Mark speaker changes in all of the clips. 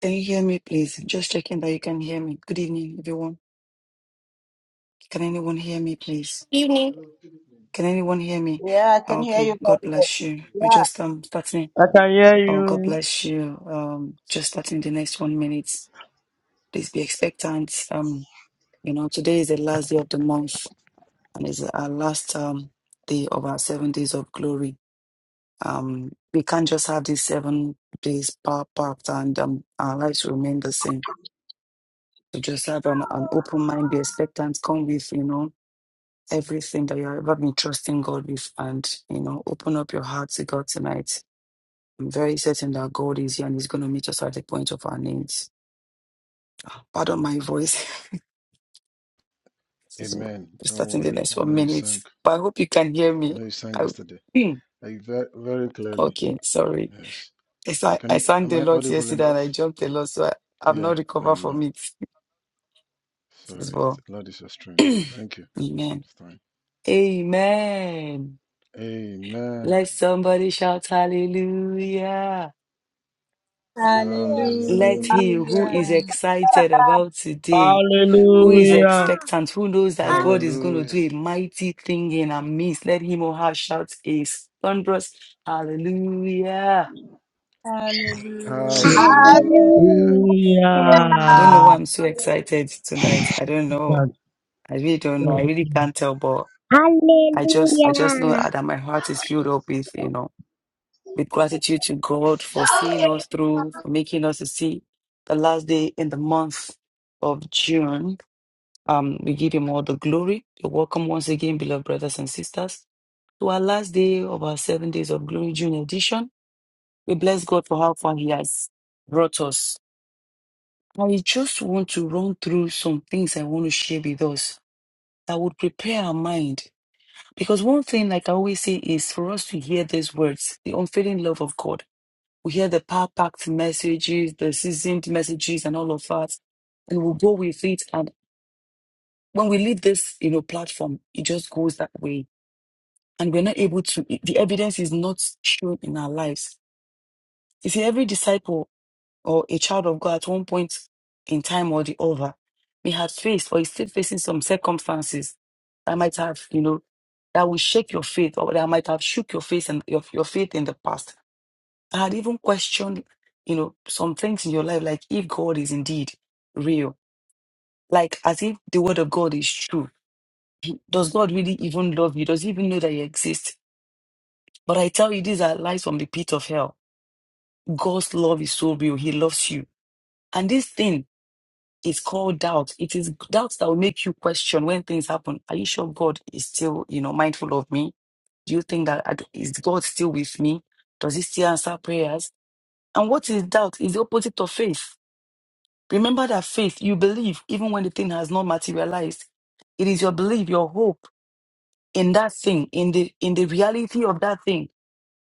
Speaker 1: Can you hear me, please? Just checking that you can hear me. Good evening, everyone. Can anyone hear me, please?
Speaker 2: evening.
Speaker 1: Can anyone hear me?
Speaker 3: Yeah, I
Speaker 1: Oh,
Speaker 3: can hear you
Speaker 1: Okay. God
Speaker 3: very well.
Speaker 1: bless you. We're just um starting.
Speaker 4: I can hear
Speaker 1: Oh, God
Speaker 4: you.
Speaker 1: bless you. Um, just starting the next one minute. Please be expectant. Um, you know, today is the last day of the month and it's our last um day of our seven days of glory. Um, we can't just have these seven days power packed and um our lives remain the same. To just have an, an open mind, be expectant, come with, you know everything that you've ever been trusting God with and, you know, open up your heart to God tonight. I'm very certain that God is here and He's going to meet us at the point of our needs. Pardon my voice. This is-
Speaker 5: Amen.
Speaker 1: We're
Speaker 5: Don't
Speaker 1: starting the
Speaker 5: worry.
Speaker 1: next
Speaker 5: We
Speaker 1: one
Speaker 5: know you
Speaker 1: minute,
Speaker 5: sang.
Speaker 1: but I hope you can hear
Speaker 5: We
Speaker 1: me.
Speaker 5: know you sang
Speaker 1: I,
Speaker 5: yesterday.
Speaker 1: Hmm.
Speaker 5: Like very, very clearly.
Speaker 1: okay, sorry.
Speaker 5: Yes.
Speaker 1: I, sa-
Speaker 5: Can
Speaker 1: I
Speaker 5: you
Speaker 1: sang
Speaker 5: am
Speaker 1: the
Speaker 5: I
Speaker 1: lot
Speaker 5: audible
Speaker 1: yesterday and
Speaker 5: enough?
Speaker 1: I jumped a lot, so I, I've
Speaker 5: Yeah,
Speaker 1: not
Speaker 5: I
Speaker 1: recovered from
Speaker 5: know.
Speaker 1: it
Speaker 5: Sorry.
Speaker 1: as
Speaker 5: It's-
Speaker 1: well.
Speaker 5: Lord is your strength. Thank you.
Speaker 1: Amen.
Speaker 5: It's fine.
Speaker 1: Amen.
Speaker 5: Amen.
Speaker 1: Let somebody shout hallelujah. Let him who
Speaker 5: Hallelujah.
Speaker 1: is
Speaker 6: Hallelujah.
Speaker 2: Yeah.
Speaker 1: excited about today, who is
Speaker 4: Hallelujah.
Speaker 1: expectant, who knows that
Speaker 2: Um,
Speaker 1: God is going to
Speaker 5: Hallelujah.
Speaker 1: do a mighty thing in our midst, let him or her shout a thunderous hallelujah.
Speaker 4: Hallelujah.
Speaker 6: Hallelujah.
Speaker 5: Hallelujah.
Speaker 1: I don't know why
Speaker 4: Hallelujah.
Speaker 1: I'm so excited tonight. I don't
Speaker 4: That's
Speaker 1: know. I really don't know. I
Speaker 4: all.
Speaker 1: really can't tell, but I just, I just know
Speaker 4: Hallelujah.
Speaker 1: that my heart is filled up with, you know, with gratitude to God for seeing us through, for making us to see the last day in the month of June Um, we give him all the glory. You're welcome once again, beloved brothers and sisters, to our last day of our seven days of glory June edition. We bless God for how far He has brought us. I just want to run through some things I want to share with us that would prepare our mind. Because one thing, like I always say, is for us to hear these words, the unfailing love of God. We hear the power packed messages, the seasoned messages, and all of that, and we'll go with it. And when we leave this, you know, platform, it just goes that way and we're not able to, the evidence is not shown in our lives. You see, every disciple or a child of God at one point in time or the other may have faced or is still facing some circumstances that might have, you know, that will shake your faith or that might have shook your faith and your, your faith in the past. I had even questioned, you know, some things in your life, like if God is indeed real, like as if the word of God is true. Does God really even love you? Does he even know that you exist? But I tell you, these are lies from the pit of hell God's love is so real. He loves you. And this thing is called doubt. It is doubts that will make you question when things happen. Are you sure God is still, you know, mindful of me? Do you think that I d- is God still with me? Does he still answer prayers? And what is doubt? Is the opposite of faith. Remember that faith, you believe even when the thing has not materialized. It is your belief, your hope in that thing, in the in the reality of that thing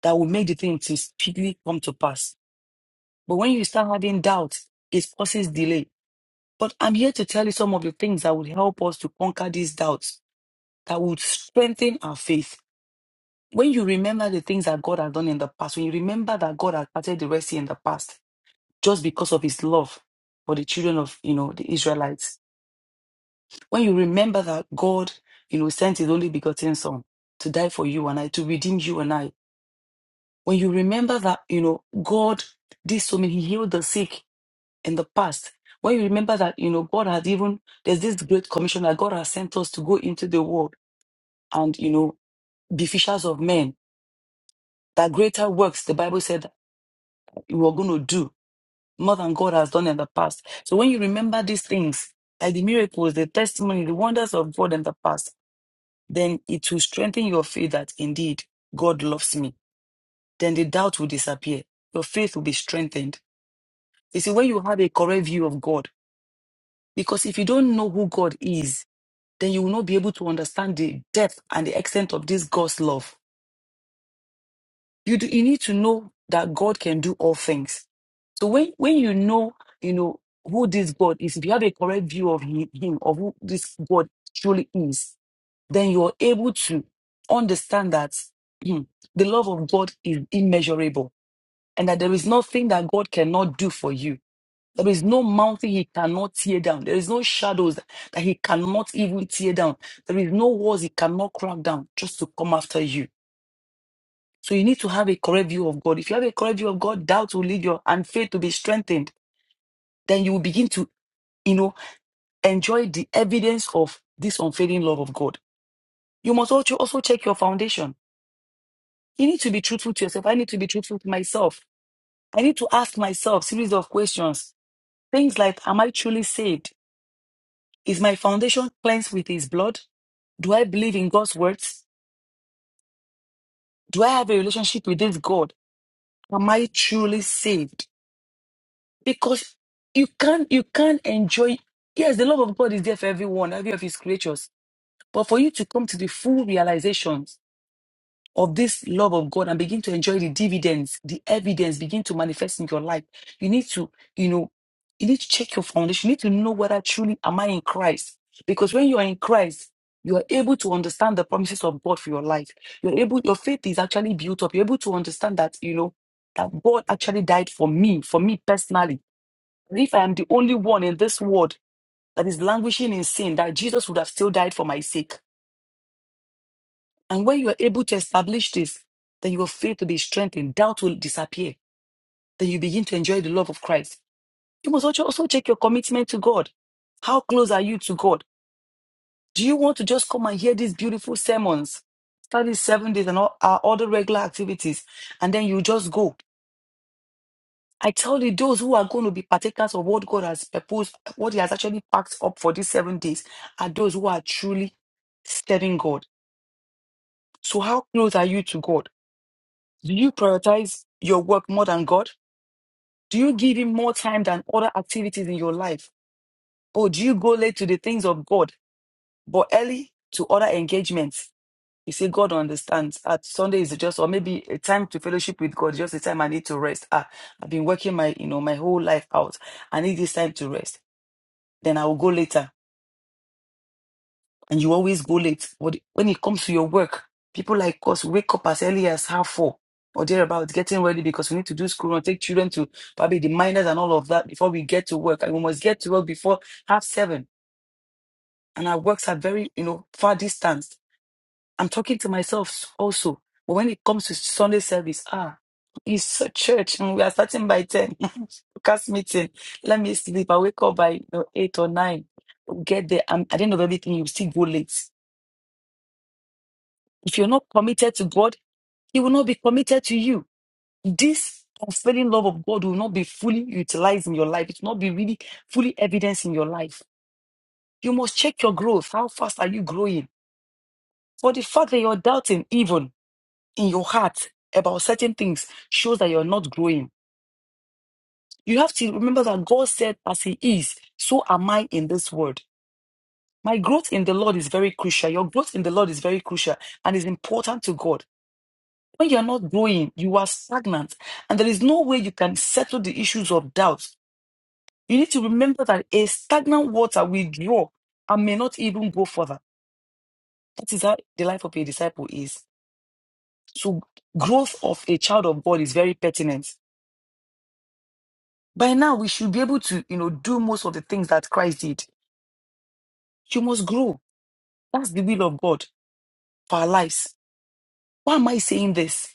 Speaker 1: that will make the thing to speedily come to pass. But when you start having doubt, it causes delay But I'm here to tell you some of the things that would help us to conquer these doubts, that would strengthen our faith. When you remember the things that God has done in the past, when you remember that God has parted the Red Sea in the past just because of his love for the children of, you know, the Israelites, when you remember that God, you know, sent his only begotten son to die for you and I, to redeem you and I, when you remember that, you know, God did so many, he healed the sick, in the past, when you remember that, you know, God has even, there's this great commission that God has sent us to go into the world and, you know, be fishers of men, that greater works, the Bible said, you are going to do more than God has done in the past. So when you remember these things, like the miracles, the testimony, the wonders of God in the past, then it will strengthen your faith that indeed God loves me. Then the doubt will disappear. Your faith will be strengthened. You see, when you have a correct view of God, because if you don't know who God is, then you will not be able to understand the depth and the extent of this God's love. You do, you need to know that God can do all things. So when when you know you know who this God is, if you have a correct view of him, him of who this God truly is, then you are able to understand that hmm, the love of God is immeasurable and that there is nothing that God cannot do for you there is no mountain he cannot tear down. There is no shadows that he cannot even tear down. There is no walls he cannot crack down just to come after you. So you need to have a correct view of God. If you have a correct view of God, doubt will lead you and faith to be strengthened. Then you will begin to, you know, enjoy the evidence of this unfailing love of God. You must also also check your foundation. You need to be truthful to yourself. I need to be truthful to myself. I need to ask myself series of questions. Things like, am I truly saved? Is my foundation cleansed with his blood? Do I believe in God's words? Do I have a relationship with this God? Am I truly saved? Because you can't you can't enjoy yes, the love of God is there for everyone, every of his creatures. But for you to come to the full realization of this love of God and begin to enjoy the dividends, the evidence begin to manifest in your life. You need to, you know, you need to check your foundation. You need to know whether truly am I in Christ? Because when you are in Christ, you are able to understand the promises of God for your life. You're able, your faith is actually built up. You're able to understand that, you know, that God actually died for me, for me personally. And if I am the only one in this world that is languishing in sin, that Jesus would have still died for my sake and when you are able to establish this, then your faith will be strengthened. Doubt will disappear. Then you begin to enjoy the love of Christ. You must also also check your commitment to God. How close are you to God? Do you want to just come and hear these beautiful sermons, study seven days and all our other regular activities, and then you just go? I tell you, those who are going to be partakers of what God has proposed, what He has actually packed up for these seven days, are those who are truly serving God. So, how close are you to God? Do you prioritize your work more than God? Do you give Him more time than other activities in your life? Or do you go late to the things of God, but early to other engagements? You see, God understands. At Sunday is just, or maybe a time to fellowship with God, just a time I need to rest. Ah, I've been working my, you know, my whole life out. I need this time to rest. Then I will go later and you always go late. But when it comes to your work, people like us wake up as early as half four or thereabout, getting ready because we need to do school and take children to probably the minors and all of that before we get to work. And we must get to work before half seven. And our works are very, you know, far distanced. I'm talking to myself also. But when it comes to Sunday service, ah, it's a church and we are starting by 10. Cast meeting. Let me sleep. I wake up by you know, eight or nine. Get there. I'm, I did not know everything. You still go late If you're not committed to God, He will not be committed to you. This unfailing love of God will not be fully utilized in your life. It will not be really fully evidenced in your life. You must check your growth. How fast are you growing? For the fact that you're doubting, even in your heart, about certain things shows that you're not growing. You have to remember that God said, As He is, so am I in this world. My growth in the Lord is very crucial. Your growth in the Lord is very crucial and is important to God. When you're not growing, you are stagnant, and there is no way you can settle the issues of doubt. You need to remember that a stagnant water will draw and may not even go further. That is how the life of a disciple is. So, growth of a child of God is very pertinent. By now, we should be able to, you know, do most of the things that Christ did. You must grow. That's the will of God for our lives. Why am I saying this?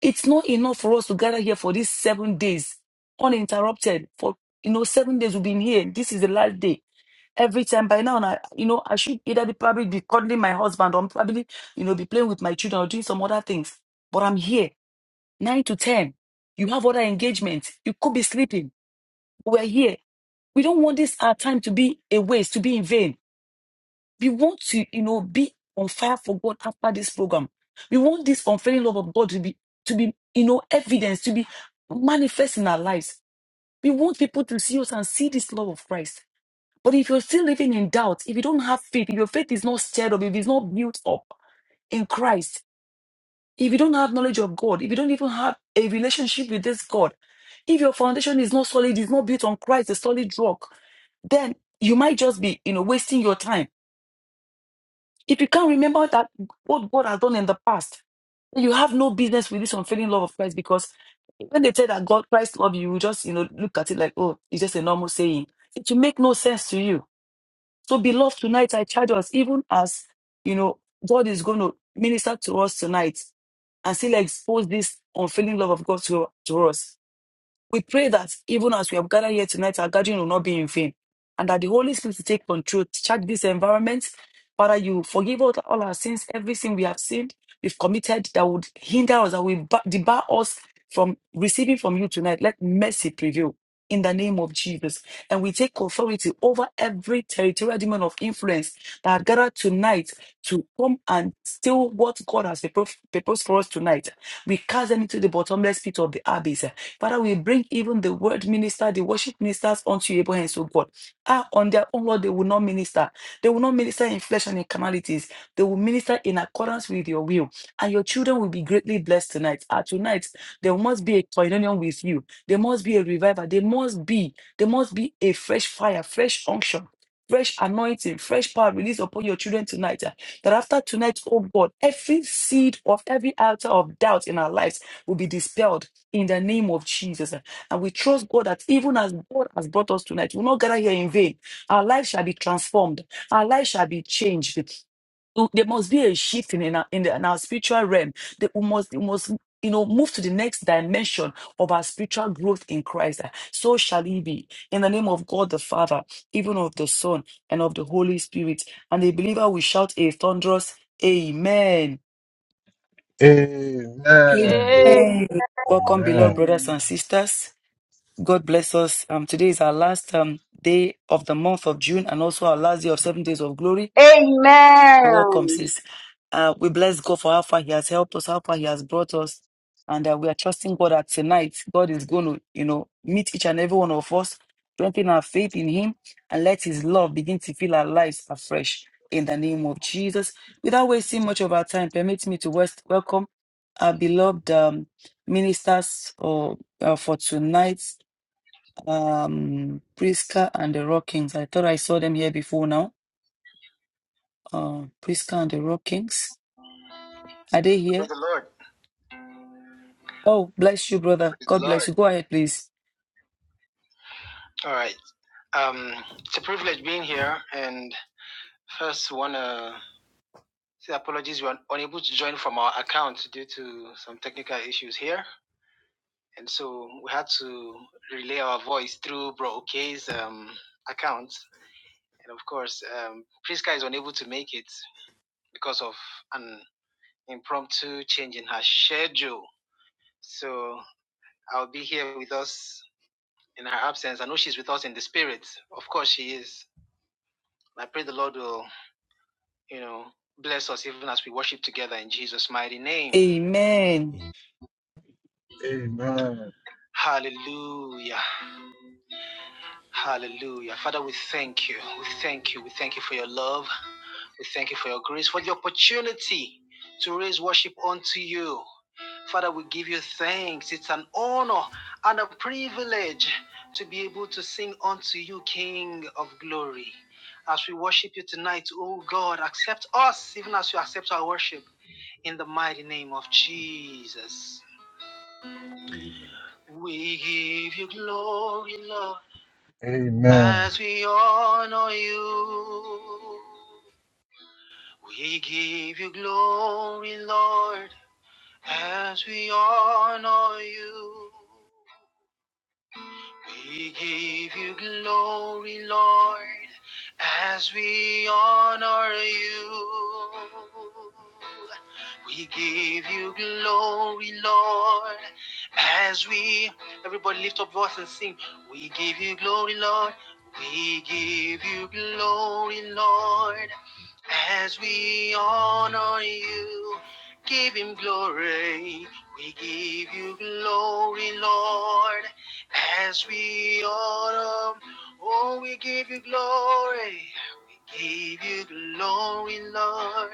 Speaker 1: It's not enough for us to gather here for these seven days uninterrupted. For you know, seven days we've been here. This is the last day. Every time by now, I, you know, I should either be probably be cuddling my husband or probably, you know, be playing with my children or doing some other things. But I'm here, nine to ten. You have other engagements. You could be sleeping. We're here. We don't want this our time to be a waste, to be in vain. We want to, you know, be on fire for God after this program. We want this unfailing love of God to be, to be, you know, evidence, to be manifest in our lives. We want people to see us and see this love of Christ. But if you're still living in doubt, if you don't have faith, if your faith is not stirred up, if it's not built up in Christ, if you don't have knowledge of God, if you don't even have a relationship with this God, if your foundation is not solid, is not built on Christ, a solid rock, then you might just be, you know, wasting your time if you can't remember that what God has done in the past, then you have no business with this unfailing love of Christ because when they say that God Christ love you, you just you know look at it like, oh, it's just a normal saying. It will make no sense to you. So beloved, tonight I charge us, even as you know, God is going to minister to us tonight and still expose this unfailing love of God to, to us. We pray that even as we have gathered here tonight, our gathering will not be in vain. And that the Holy Spirit will take control, charge this environment. Father, you forgive all, all our sins, every sin we have sinned, we've committed that would hinder us, that will ba- debar us from receiving from you tonight. Let mercy prevail in the name of Jesus. And we take authority over every territorial demon of influence that are gathered tonight to come and steal what God has purpo- purposed for us tonight. We cast them into the bottomless pit of the abyss. Father, we bring even the word minister, the worship ministers unto your able hands, oh God. Ah, on their own, Lord, they will not minister. They will not minister in flesh and in carnalities. They will minister in accordance with your will. And your children will be greatly blessed tonight. Ah, tonight, there must be a communion with you. There must be a revival. There must be, there must be a fresh fire, fresh unction. Fresh anointing, fresh power released upon your children tonight. ah. That after tonight, oh God, every seed of every altar of doubt in our lives will be dispelled in the name of Jesus. And we trust God that even as God has brought us tonight, we'll not gather here in vain. Our life shall be transformed, our life shall be changed there must be a shift in, in, our, in, the, in our spiritual realm. That we must, we must, you know, move to the next dimension of our spiritual growth in Christ. So shall it be. In the name of God the Father, even of the Son, and of the Holy Spirit. And the believer will shout a thunderous Amen.
Speaker 5: Amen.
Speaker 7: Amen.
Speaker 3: Yeah.
Speaker 8: Amen.
Speaker 1: Welcome, beloved
Speaker 5: Amen.
Speaker 1: brothers and
Speaker 3: Amen.
Speaker 1: sisters. God bless us. Um, today is our last um, day of the month of June and also our last day of seven days of glory. The world
Speaker 9: Amen.
Speaker 1: comes is. Uh, we bless God for how far He has helped us, how far He has brought us. And uh, we are trusting God that tonight God is going to, you know, meet each and every one of us, strengthen our faith in Him, and let His love begin to fill our lives afresh in the name of Jesus. Without wasting much of our time, permit me to west- welcome our beloved um, ministers or, uh, for tonight. Um, Priska and the Rock Kings. I thought I saw them here before now. Uh, Priska and the Rock Kings. Are they here?
Speaker 10: Praise the Lord.
Speaker 1: Oh, bless you, brother.
Speaker 10: Praise the
Speaker 1: God bless
Speaker 10: Lord.
Speaker 1: you. Go ahead, please.
Speaker 10: All right. Um, it's a privilege being here. And first, want to say apologies. We were unable to join from our account due to some technical issues here. And so we had to relay our voice through Bro Okay's um, account. And of course, um, Priska is unable to make it because of an impromptu change in her schedule. So I'll be here with us in her absence. I know she's with us in the spirit. Of course, she is I pray the Lord will, you know, bless us even as we worship together in Jesus' mighty name.
Speaker 1: Amen.
Speaker 5: Amen.
Speaker 10: Hallelujah. Hallelujah. Father, we thank you. We thank you. We thank you for your love. We thank you for your grace, for the opportunity to raise worship unto you. Father, we give you thanks. It's an honor and a privilege to be able to sing unto you, King of glory. As we worship you tonight, oh God, accept us even as you accept our worship. In the mighty name of Jesus, we give you glory, Lord,
Speaker 5: Amen.
Speaker 10: as we honor you. We give you glory, Lord, as we honor you. We give you glory, Lord, as we honor you. We give you glory, Lord, as we. Everybody lift up voice and sing. We give you glory, Lord. We give you glory, Lord, as we honor you, give him glory. We give you glory, Lord. As we honor, oh, we give you glory. We give you glory, Lord.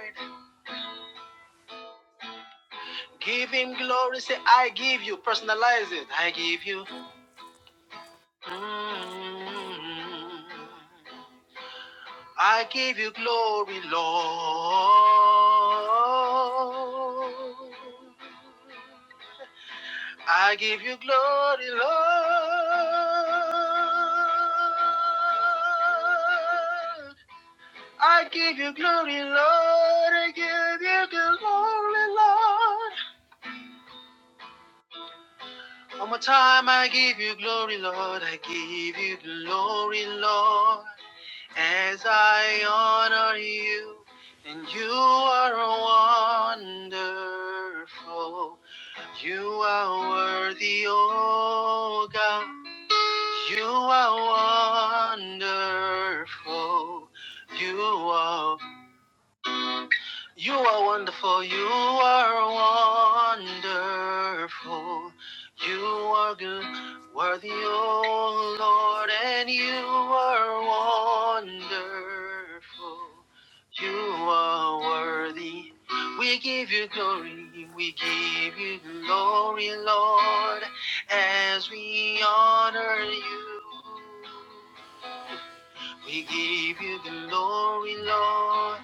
Speaker 10: Give him glory. Say, I give you. Personalize it. I give you. Mm. I give you glory, Lord. I give you glory, Lord. I give you glory, Lord. I give you glory, Lord. One more time, I give you glory, Lord. I give you glory, Lord. As I honor you, and you are wonderful. You are worthy, oh God. You are wonderful. You are you are wonderful. You are wonderful. You are good, worthy, oh Lord, and you are wonderful. You are worthy. We give you glory. We give you glory, Lord, as we honor you. We give you the glory, Lord,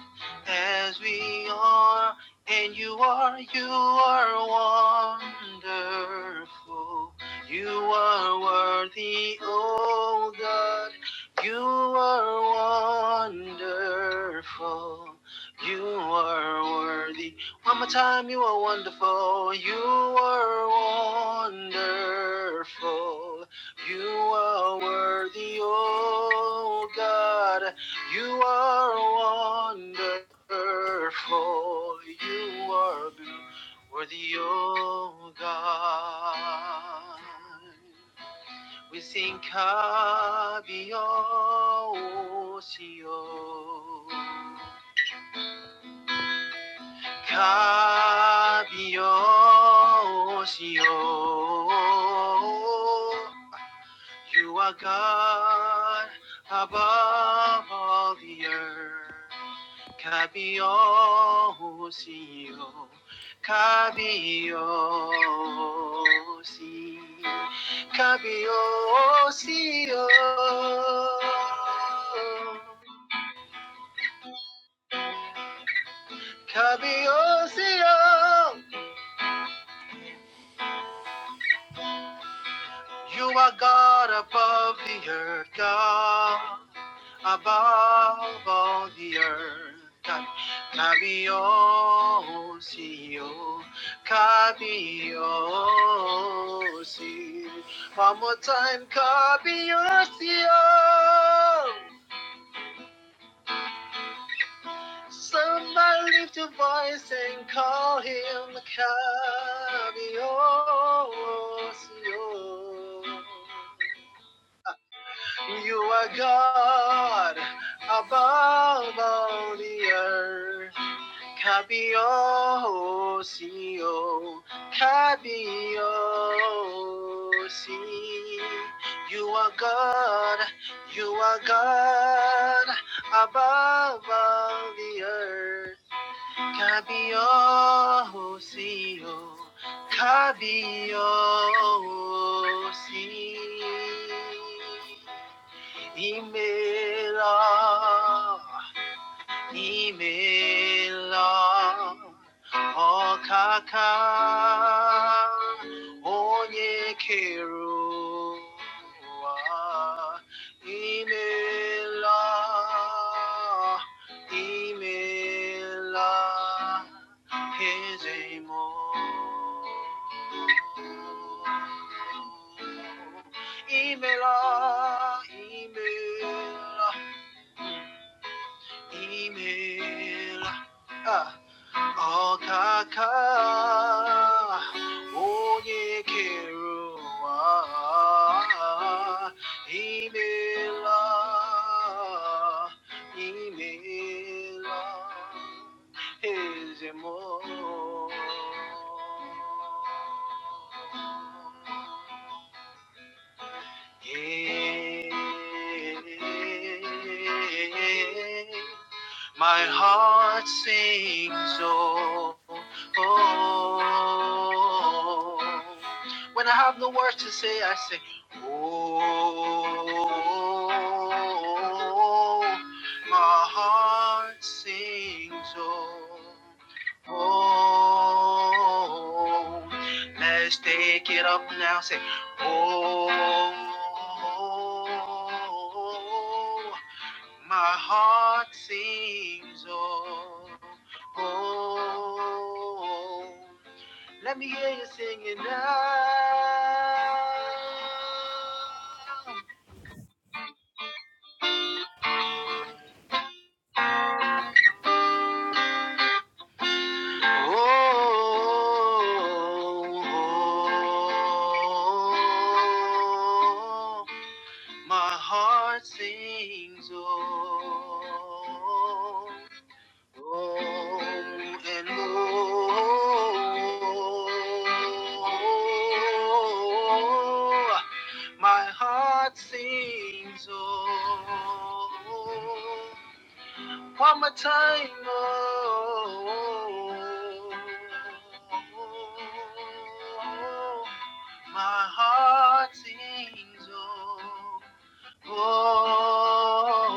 Speaker 10: as we are, and you are, you are wonderful. You are worthy, oh God. You are wonderful. You are worthy. One more time, you are wonderful. You are wonderful. You are worthy, oh God. You are wonderful. You are worthy, oh God. We sing Kabiosio. Kabiosio. You are God above all the earth. Kabiosio, Kabiosi, Kabiosio, Kabiosio, You are God above the earth, God above all the earth. God, Cabio, see you, Cabio, One more time, Cabio, see Somebody lift your voice and call him Cabio, see You are God above all the earth. Cabio, CEO, Cabio, si. You are God, you are God above all the earth. Cabio, CEO, Cabio, si y me da Imela ọkaka onye kere ụwa imela imela eze imela imela Oh, carol, oh yeah, carol, ah, Imelda, Imelda, is it more? Yeah. My heart sings, oh, oh. oh. When I have no words to say, I say, oh, my heart sings, oh, oh. Let's take it up now, say. Oh, my heart sings. Oh, oh, let me hear you singing now. Oh, my heart sings. Oh, Oh, and oh, my heart sings oh, one more time. Oh, my heart sings oh. oh.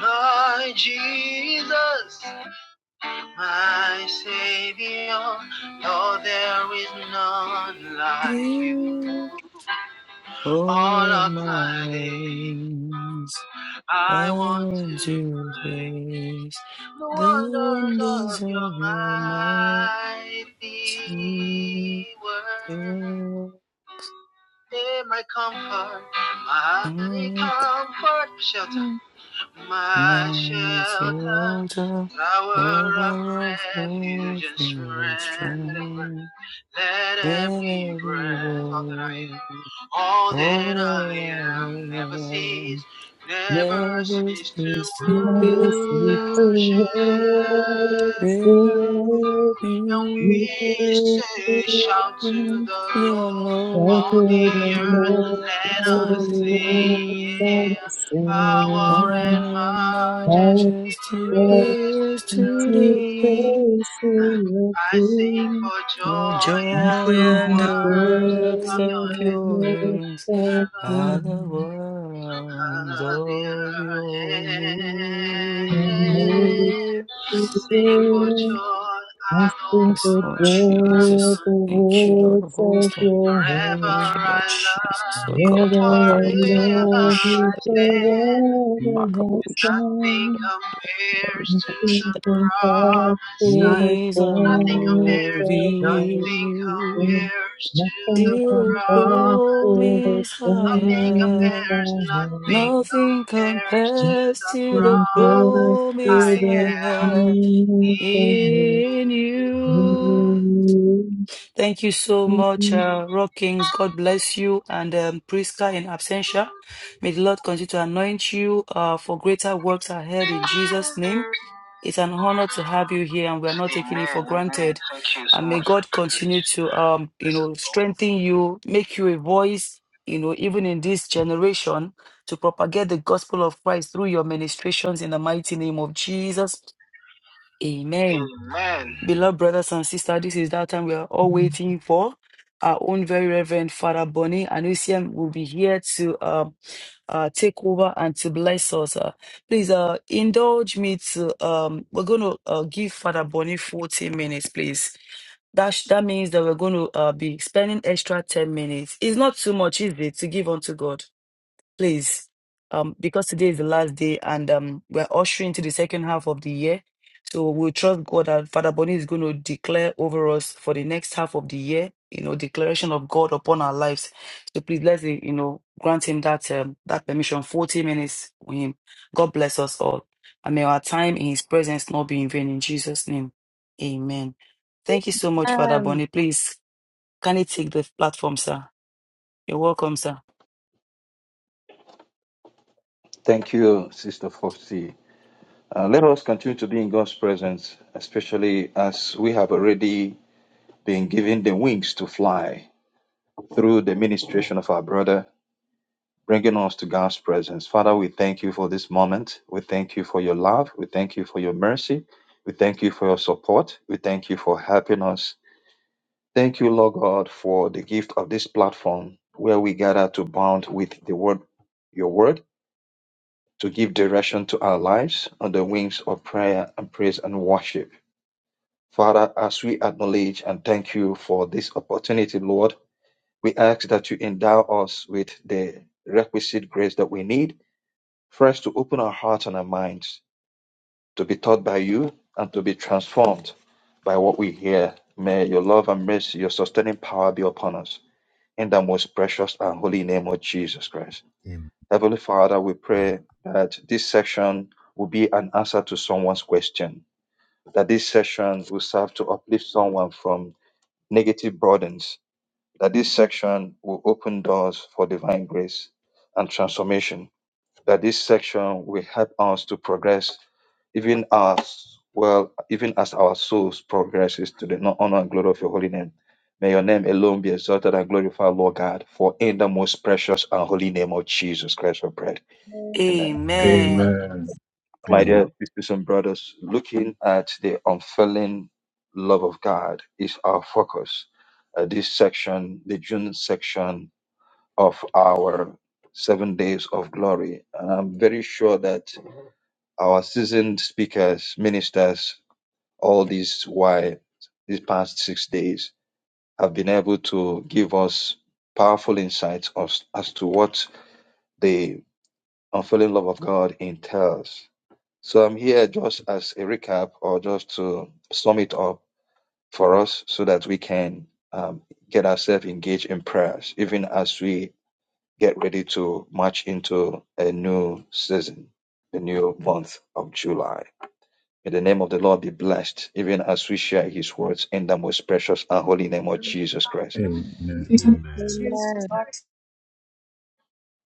Speaker 10: My Jesus, my Savior, Lord, there is none like
Speaker 1: You,
Speaker 10: you. All
Speaker 1: all of
Speaker 10: of
Speaker 1: my
Speaker 10: my day,
Speaker 1: ways, I
Speaker 10: I want
Speaker 1: want
Speaker 10: to
Speaker 1: to
Speaker 10: pray
Speaker 1: praise
Speaker 10: the
Speaker 1: the
Speaker 10: wonders of
Speaker 1: wonders
Speaker 10: your
Speaker 1: of your
Speaker 10: mighty word. Hey, my comfort, my
Speaker 1: mighty
Speaker 10: comfort, shelter.
Speaker 1: power.
Speaker 10: my
Speaker 1: My
Speaker 10: shelter,
Speaker 1: shoulder,
Speaker 10: tower of
Speaker 1: level of
Speaker 10: refuge and
Speaker 1: everything is
Speaker 10: surrender.
Speaker 1: true.
Speaker 10: Let
Speaker 1: Let
Speaker 10: every
Speaker 1: it be
Speaker 10: breath, all that I am, all
Speaker 1: All
Speaker 10: that
Speaker 1: that
Speaker 10: I am, never
Speaker 1: I
Speaker 10: cease,
Speaker 1: am,
Speaker 10: never
Speaker 1: never
Speaker 10: cease to
Speaker 1: cease
Speaker 10: worship
Speaker 1: to
Speaker 11: Never see the
Speaker 1: be.
Speaker 10: you.
Speaker 1: Praise
Speaker 10: And
Speaker 1: you,
Speaker 10: we say, shout to the
Speaker 11: Thank
Speaker 1: the
Speaker 10: Lord, all
Speaker 1: Lord
Speaker 10: the
Speaker 11: you.
Speaker 1: of
Speaker 11: and
Speaker 1: the
Speaker 10: earth,
Speaker 11: I'll
Speaker 10: let
Speaker 1: earth, of
Speaker 10: us sing,
Speaker 1: the
Speaker 11: I'll
Speaker 1: earth.
Speaker 11: the
Speaker 10: yeah. Power
Speaker 11: same?
Speaker 1: Power and
Speaker 10: and
Speaker 11: I've
Speaker 10: majesty,
Speaker 1: majesty,
Speaker 11: got
Speaker 1: praise
Speaker 10: praise to the
Speaker 1: to the
Speaker 11: into
Speaker 1: Lord.
Speaker 11: space
Speaker 10: King. I sing for
Speaker 1: The
Speaker 10: joy at
Speaker 1: joy
Speaker 10: the
Speaker 1: and the
Speaker 10: words
Speaker 1: works
Speaker 10: of your
Speaker 1: of
Speaker 10: hand,
Speaker 1: your hands
Speaker 10: my
Speaker 11: to
Speaker 1: are
Speaker 10: Lord.
Speaker 1: the
Speaker 10: Of
Speaker 1: ones of
Speaker 10: your
Speaker 1: your miracles.
Speaker 10: hand. Sing for
Speaker 11: you
Speaker 10: joy at the
Speaker 11: Nothing could
Speaker 1: Lord
Speaker 10: words of
Speaker 11: bury
Speaker 10: your
Speaker 1: Jesus,
Speaker 11: the
Speaker 10: hand.
Speaker 1: thank you, Lord of
Speaker 11: works of
Speaker 1: hosts. Thank
Speaker 11: your
Speaker 10: Forever
Speaker 1: you,
Speaker 11: hand.
Speaker 1: Lord
Speaker 10: I
Speaker 1: Jesus,
Speaker 10: love
Speaker 1: Lord
Speaker 10: you,
Speaker 11: Forever
Speaker 1: God. Papa,
Speaker 11: I love
Speaker 10: forever
Speaker 1: Lekabushadika,
Speaker 11: you,
Speaker 10: I stand.
Speaker 11: forever I
Speaker 10: And
Speaker 1: Makabushadika,
Speaker 10: nothing
Speaker 11: stand.
Speaker 10: compares to the
Speaker 11: Nothing can pass
Speaker 10: promised
Speaker 11: through the
Speaker 10: side.
Speaker 1: He's a
Speaker 10: Nothing
Speaker 11: flame
Speaker 10: compares,
Speaker 11: of the
Speaker 10: nothing
Speaker 1: miracle.
Speaker 11: lightning.
Speaker 10: compares to
Speaker 11: Nothing
Speaker 10: the
Speaker 1: Still
Speaker 11: can
Speaker 1: a
Speaker 11: pass
Speaker 10: promise.
Speaker 11: through the
Speaker 1: promise I
Speaker 10: Nothing
Speaker 1: have.
Speaker 11: flame
Speaker 10: compares,
Speaker 11: of the
Speaker 10: nothing
Speaker 11: lightning.
Speaker 1: Nothing
Speaker 10: compares to
Speaker 1: compares
Speaker 10: the
Speaker 1: to the
Speaker 11: Nothing compares
Speaker 10: promise I
Speaker 1: promise
Speaker 11: to
Speaker 1: I
Speaker 11: the
Speaker 10: have
Speaker 1: have
Speaker 11: peace
Speaker 10: in
Speaker 11: of
Speaker 10: you.
Speaker 1: in you.
Speaker 11: your
Speaker 1: Thank you so much,
Speaker 11: peace.
Speaker 1: uh, Rock Kings. God bless you and um, Priska in absentia. May the Lord continue to anoint you uh, for greater works ahead in
Speaker 10: Amen.
Speaker 1: Jesus' name. It's an honor to have you here, and we are not taking it
Speaker 10: Amen.
Speaker 1: for granted.
Speaker 10: Thank you so
Speaker 1: And may
Speaker 10: much for the
Speaker 1: God
Speaker 10: privilege.
Speaker 1: continue to, um, you
Speaker 10: Bless
Speaker 1: know,
Speaker 10: Blessed Lord.
Speaker 1: strengthen you, make you a voice, you know, even in this generation, to propagate the gospel of Christ through your ministrations in the mighty name of Jesus. Amen.
Speaker 10: Amen.
Speaker 1: Beloved brothers and sisters, this is that time we are all waiting for. Our own very reverend Father Bonnie and UCM will be here to um uh, take over and to bless us. Uh, please uh, indulge me to, um, we're going to uh, give Father Bonnie 40 minutes, please. That, sh- that means that we're going to uh, be spending extra 10 minutes. It's not too much, is it, to give unto God? please, um, because today is the last day and um, we're ushering into the second half of the year. So we trust God that Father Bonnie is going to declare over us for the next half of the year, you know, declaration of God upon our lives. So please let's, eh, you know, grant him that um, that permission, 40 minutes with him. God bless us all. And may our time in his presence not be in vain in Jesus' name. Amen. Thank you so much, Father
Speaker 3: Amen.
Speaker 1: Bonnie. Please, can you take the platform, sir? You're welcome, sir.
Speaker 12: Thank you, Sister Foxy. Uh, let us continue to be in God's presence, especially as we have already been given the wings to fly through the ministration of our brother, bringing us to God's presence. Father, we thank you for this moment. We thank you for your love. We thank you for your mercy. We thank you for your support. We thank you for helping us. Thank you, Lord God, for the gift of this platform where we gather to bond with the word, your word to give direction to our lives on the wings of prayer and praise and worship. Father, as we acknowledge and thank you for this opportunity, Lord, we ask that you endow us with the requisite grace that we need, first to open our hearts and our minds to be taught by you and to be transformed by what we hear. May your love and mercy, your sustaining power be upon us. In the most precious and holy name of Jesus Christ. Heavenly Father, we pray that this session will be an answer to someone's question, that this session will serve to uplift someone from negative burdens, that this section will open doors for divine grace and transformation, that this section will help us to progress even as well, even as our souls progresses to the no- honor and glory of your holy name. May your name alone be exalted and glorified, Lord God, for in the most precious and holy name of Jesus Christ we pray. Amen.
Speaker 10: Amen.
Speaker 1: Amen.
Speaker 5: Amen.
Speaker 12: My
Speaker 5: Amen.
Speaker 12: dear sisters and brothers, looking at the unfailing love of God is our focus. Uh, this section, the June section of our seven days of glory. And I'm very sure that our seasoned speakers, ministers, all these while these past six days have been able to give us powerful insights as, as to what the unfailing love of God entails So I'm here just as a recap or just to sum it up for us so that we can um, get ourselves engaged in prayers, even as we get ready to march into a new season, the new month of July. May the name of the Lord be blessed, even as we share his words in the most precious and holy name of Jesus Christ.
Speaker 5: Amen.
Speaker 3: Amen.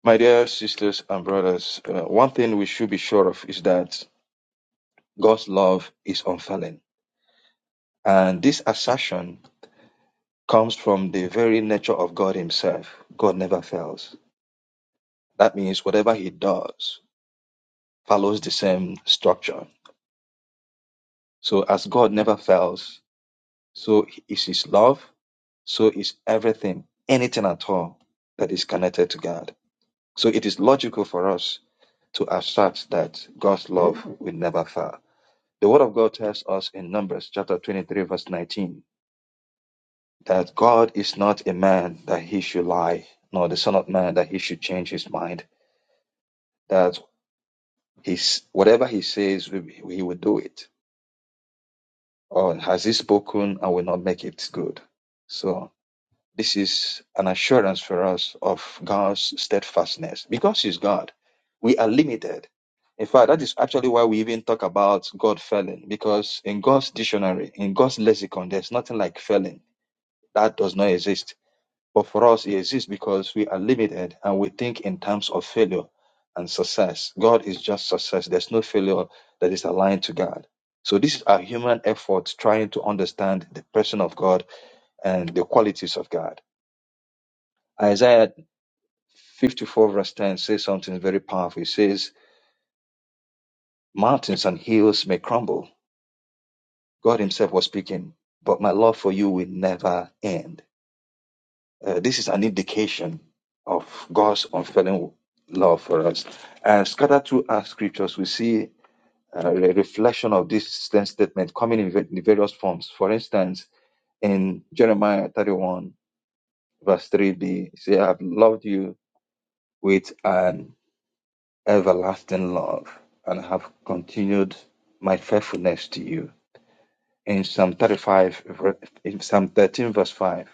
Speaker 12: My dear sisters and brothers, uh, one thing we should be sure of is that God's love is unfailing. And this assertion comes from the very nature of God Himself. God never fails. That means whatever He does follows the same structure. So, as God never fails, so is His love, so is everything, anything at all that is connected to God. So, it is logical for us to assert that God's love will never fail. The Word of God tells us in Numbers chapter 23, verse 19, that God is not a man that he should lie, nor the Son of Man that he should change his mind. that he's, whatever he says, he will do it. Or has he spoken and will not make it good? So this is an assurance for us of God's steadfastness. Because he's God, we are limited. In fact, that is actually why we even talk about God failing, because in God's dictionary, in God's lexicon, there's nothing like failing. That does not exist But for us, it exists because we are limited and we think in terms of failure and success. God is just success. There's no failure that is aligned to God. So this is our human effort trying to understand the person of God and the qualities of God. Isaiah 54 verse 10 says something very powerful. It says, mountains and hills may crumble. God himself was speaking, but my love for you will never end. Uh, this is an indication of God's unfailing love for us. And scattered through our scriptures, we see uh, a reflection of this same statement coming in, va- in various forms. For instance, in Jeremiah 31, verse 3b, it says, I have loved you with an everlasting love and have continued my faithfulness to you. In Psalm 35, ver- in Psalm 13, verse 5,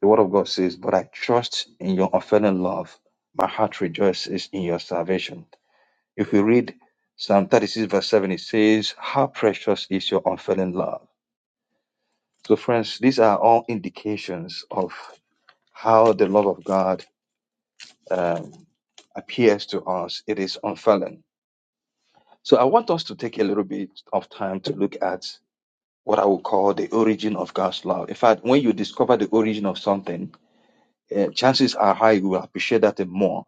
Speaker 12: The word of God says, But I trust in your unfailing love. My heart rejoices in your salvation. If we read Psalm 36, verse 7, it says, How precious is your unfailing love. So, friends, these are all indications of how the love of God um, appears to us. It is unfailing. So, I want us to take a little bit of time to look at what I would call the origin of God's love. In fact, when you discover the origin of something, uh, chances are high you will appreciate that thing more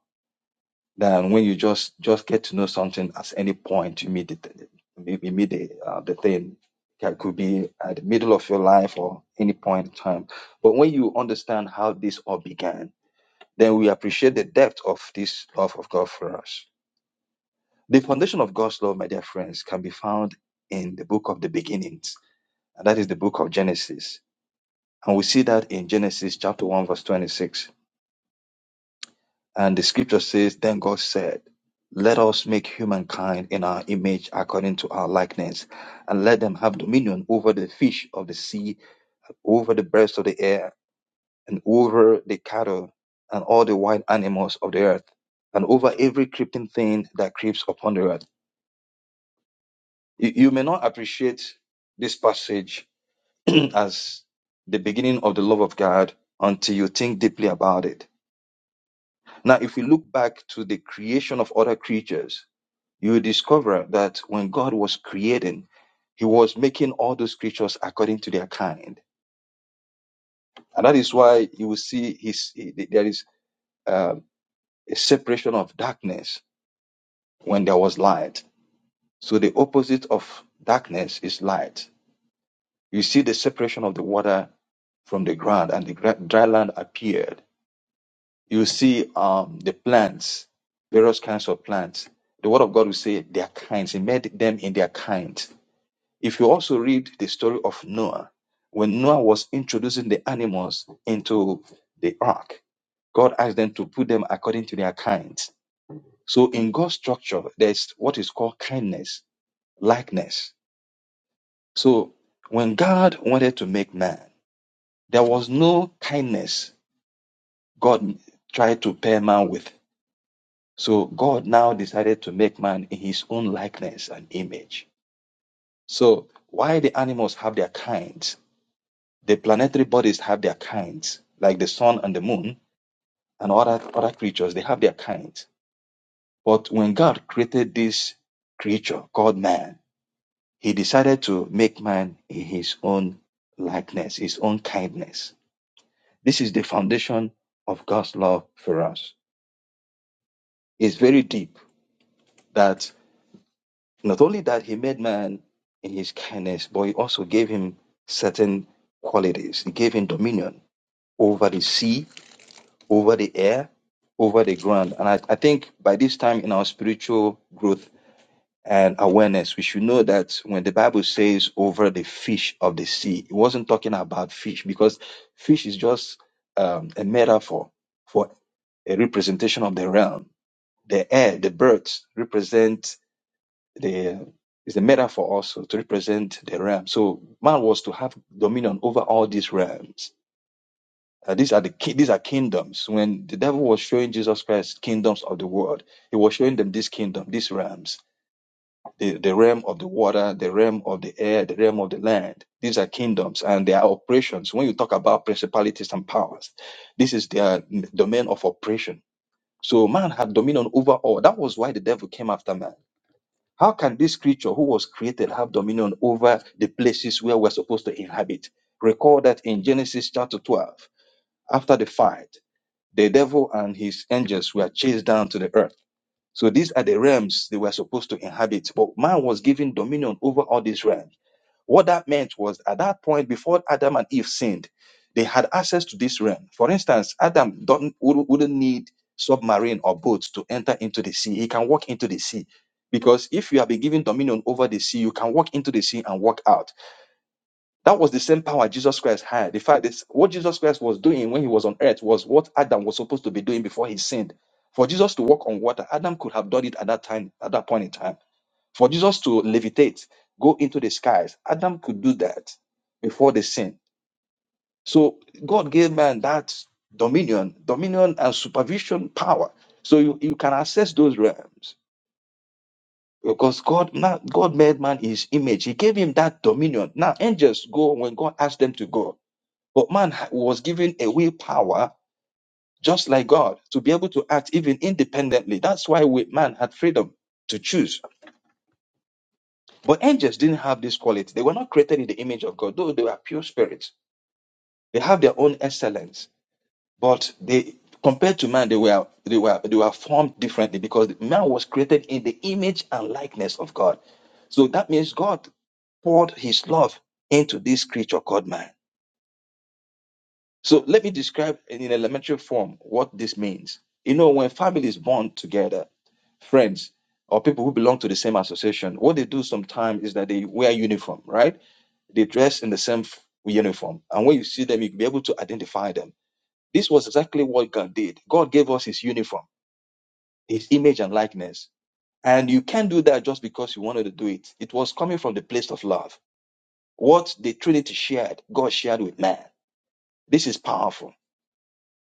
Speaker 12: than when you just just get to know something at any point you meet the you meet the uh, the thing It could be at the middle of your life or any point in time. But when you understand how this all began, then we appreciate the depth of this love of God for us. The foundation of God's love, my dear friends, can be found in the book of the beginnings, and that is the book of Genesis. And we see that in Genesis chapter 1, verse 26 And the scripture says, Then God said, Let us make humankind in our image according to our likeness, and let them have dominion over the fish of the sea, over the birds of the air, and over the cattle, and all the wild animals of the earth, and over every creeping thing that creeps upon the earth. You, you may not appreciate this passage as the beginning of the love of God until you think deeply about it. Now, if we look back to the creation of other creatures, you will discover that when God was creating, He was making all those creatures according to their kind, and that is why you will see His there is um, a separation of darkness when there was light. So the opposite of darkness is light. You see the separation of the water from the ground, and the gra- dry land appeared. You see um, the plants, various kinds of plants. The Word of God will say their kinds. He made them in their kind If you also read the story of Noah, when Noah was introducing the animals into the ark, God asked them to put them according to their kinds. So in God's structure, there's what is called kindness, likeness. So when God wanted to make man, there was no kindness God tried to pair man with. So God now decided to make man in his own likeness and image. So why the animals have their kinds? The planetary bodies have their kinds, like the sun and the moon and other, other creatures, they have their kinds. But when God created this creature called man, he decided to make man in his own likeness, his own kindness. This is the foundation of God's love for us. It's very deep that not only that he made man in his kindness, but he also gave him certain qualities. He gave him dominion over the sea, over the air, over the ground. And I, I think by this time in our spiritual growth and awareness, we should know that when the Bible says over the fish of the sea, it wasn't talking about fish because fish is just um, a metaphor for a representation of the realm. The air, the birds represent the is a metaphor also to represent the realm. So man was to have dominion over all these realms uh, these are the ki- these are kingdoms. When the devil was showing Jesus Christ kingdoms of the world, he was showing them this kingdom, these realms, the, the realm of the water, the realm of the air, the realm of the land. These are kingdoms and they are operations. When you talk about principalities and powers, this is their domain of operation. So man had dominion over all. That was why the devil came after man. How can this creature who was created have dominion over the places where we're supposed to inhabit? Recall that in Genesis chapter 12, after the fight. The devil and his angels were chased down to the earth. So these are the realms they were supposed to inhabit. But man was given dominion over all these realms. What that meant was at that point, before Adam and Eve sinned, they had access to this realm. For instance, Adam don't, wouldn't wouldn't need submarine or boats to enter into the sea. He can walk into the sea. Because if you have been given dominion over the sea, you can walk into the sea and walk out. That was the same power Jesus Christ had. The fact is, what Jesus Christ was doing when he was on earth was what Adam was supposed to be doing before he sinned. For Jesus to walk on water, Adam could have done it at that time, at that point in time. For Jesus to levitate, go into the skies, Adam could do that before the sin. So God gave man that dominion, dominion and supervision power. So you, you can access those realms. Because God now God made man in his image. He gave him that dominion. Now angels go when God asks them to go. But man ha- was given a willpower, just like God, to be able to act even independently. That's why we, man had freedom to choose. But angels didn't have this quality. They were not created in the image of God, though they were pure spirits. They have their own excellence, but they compared to man, they were they were they were formed differently because man was created in the image and likeness of God. So that means God poured His love into this creature called man So let me describe in in elementary form what this means. You know, when families bond together, friends or people who belong to the same association, what they do sometimes is that they wear uniform, right? They dress in the same f- uniform, and when you see them, you'll be able to identify them. This was exactly what God did. God gave us His uniform, His image and likeness, and you can't do that just because you wanted to do it. It was coming from the place of love. What the Trinity shared, God shared with man. This is powerful.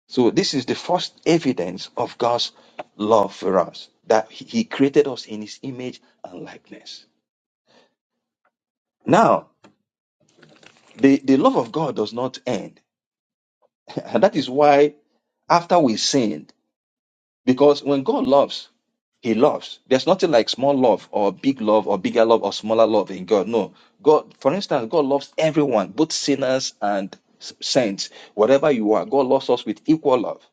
Speaker 12: So this is the first evidence of God's love for us, that he He created us in his image and likeness. Now, the, the love of God does not end. And that is why after we sinned, because when God loves, he loves. There's nothing like small love or big love or bigger love or smaller love in God. No. God, for instance, God loves everyone, both sinners and s- saints. Whatever you are, God loves us with equal love.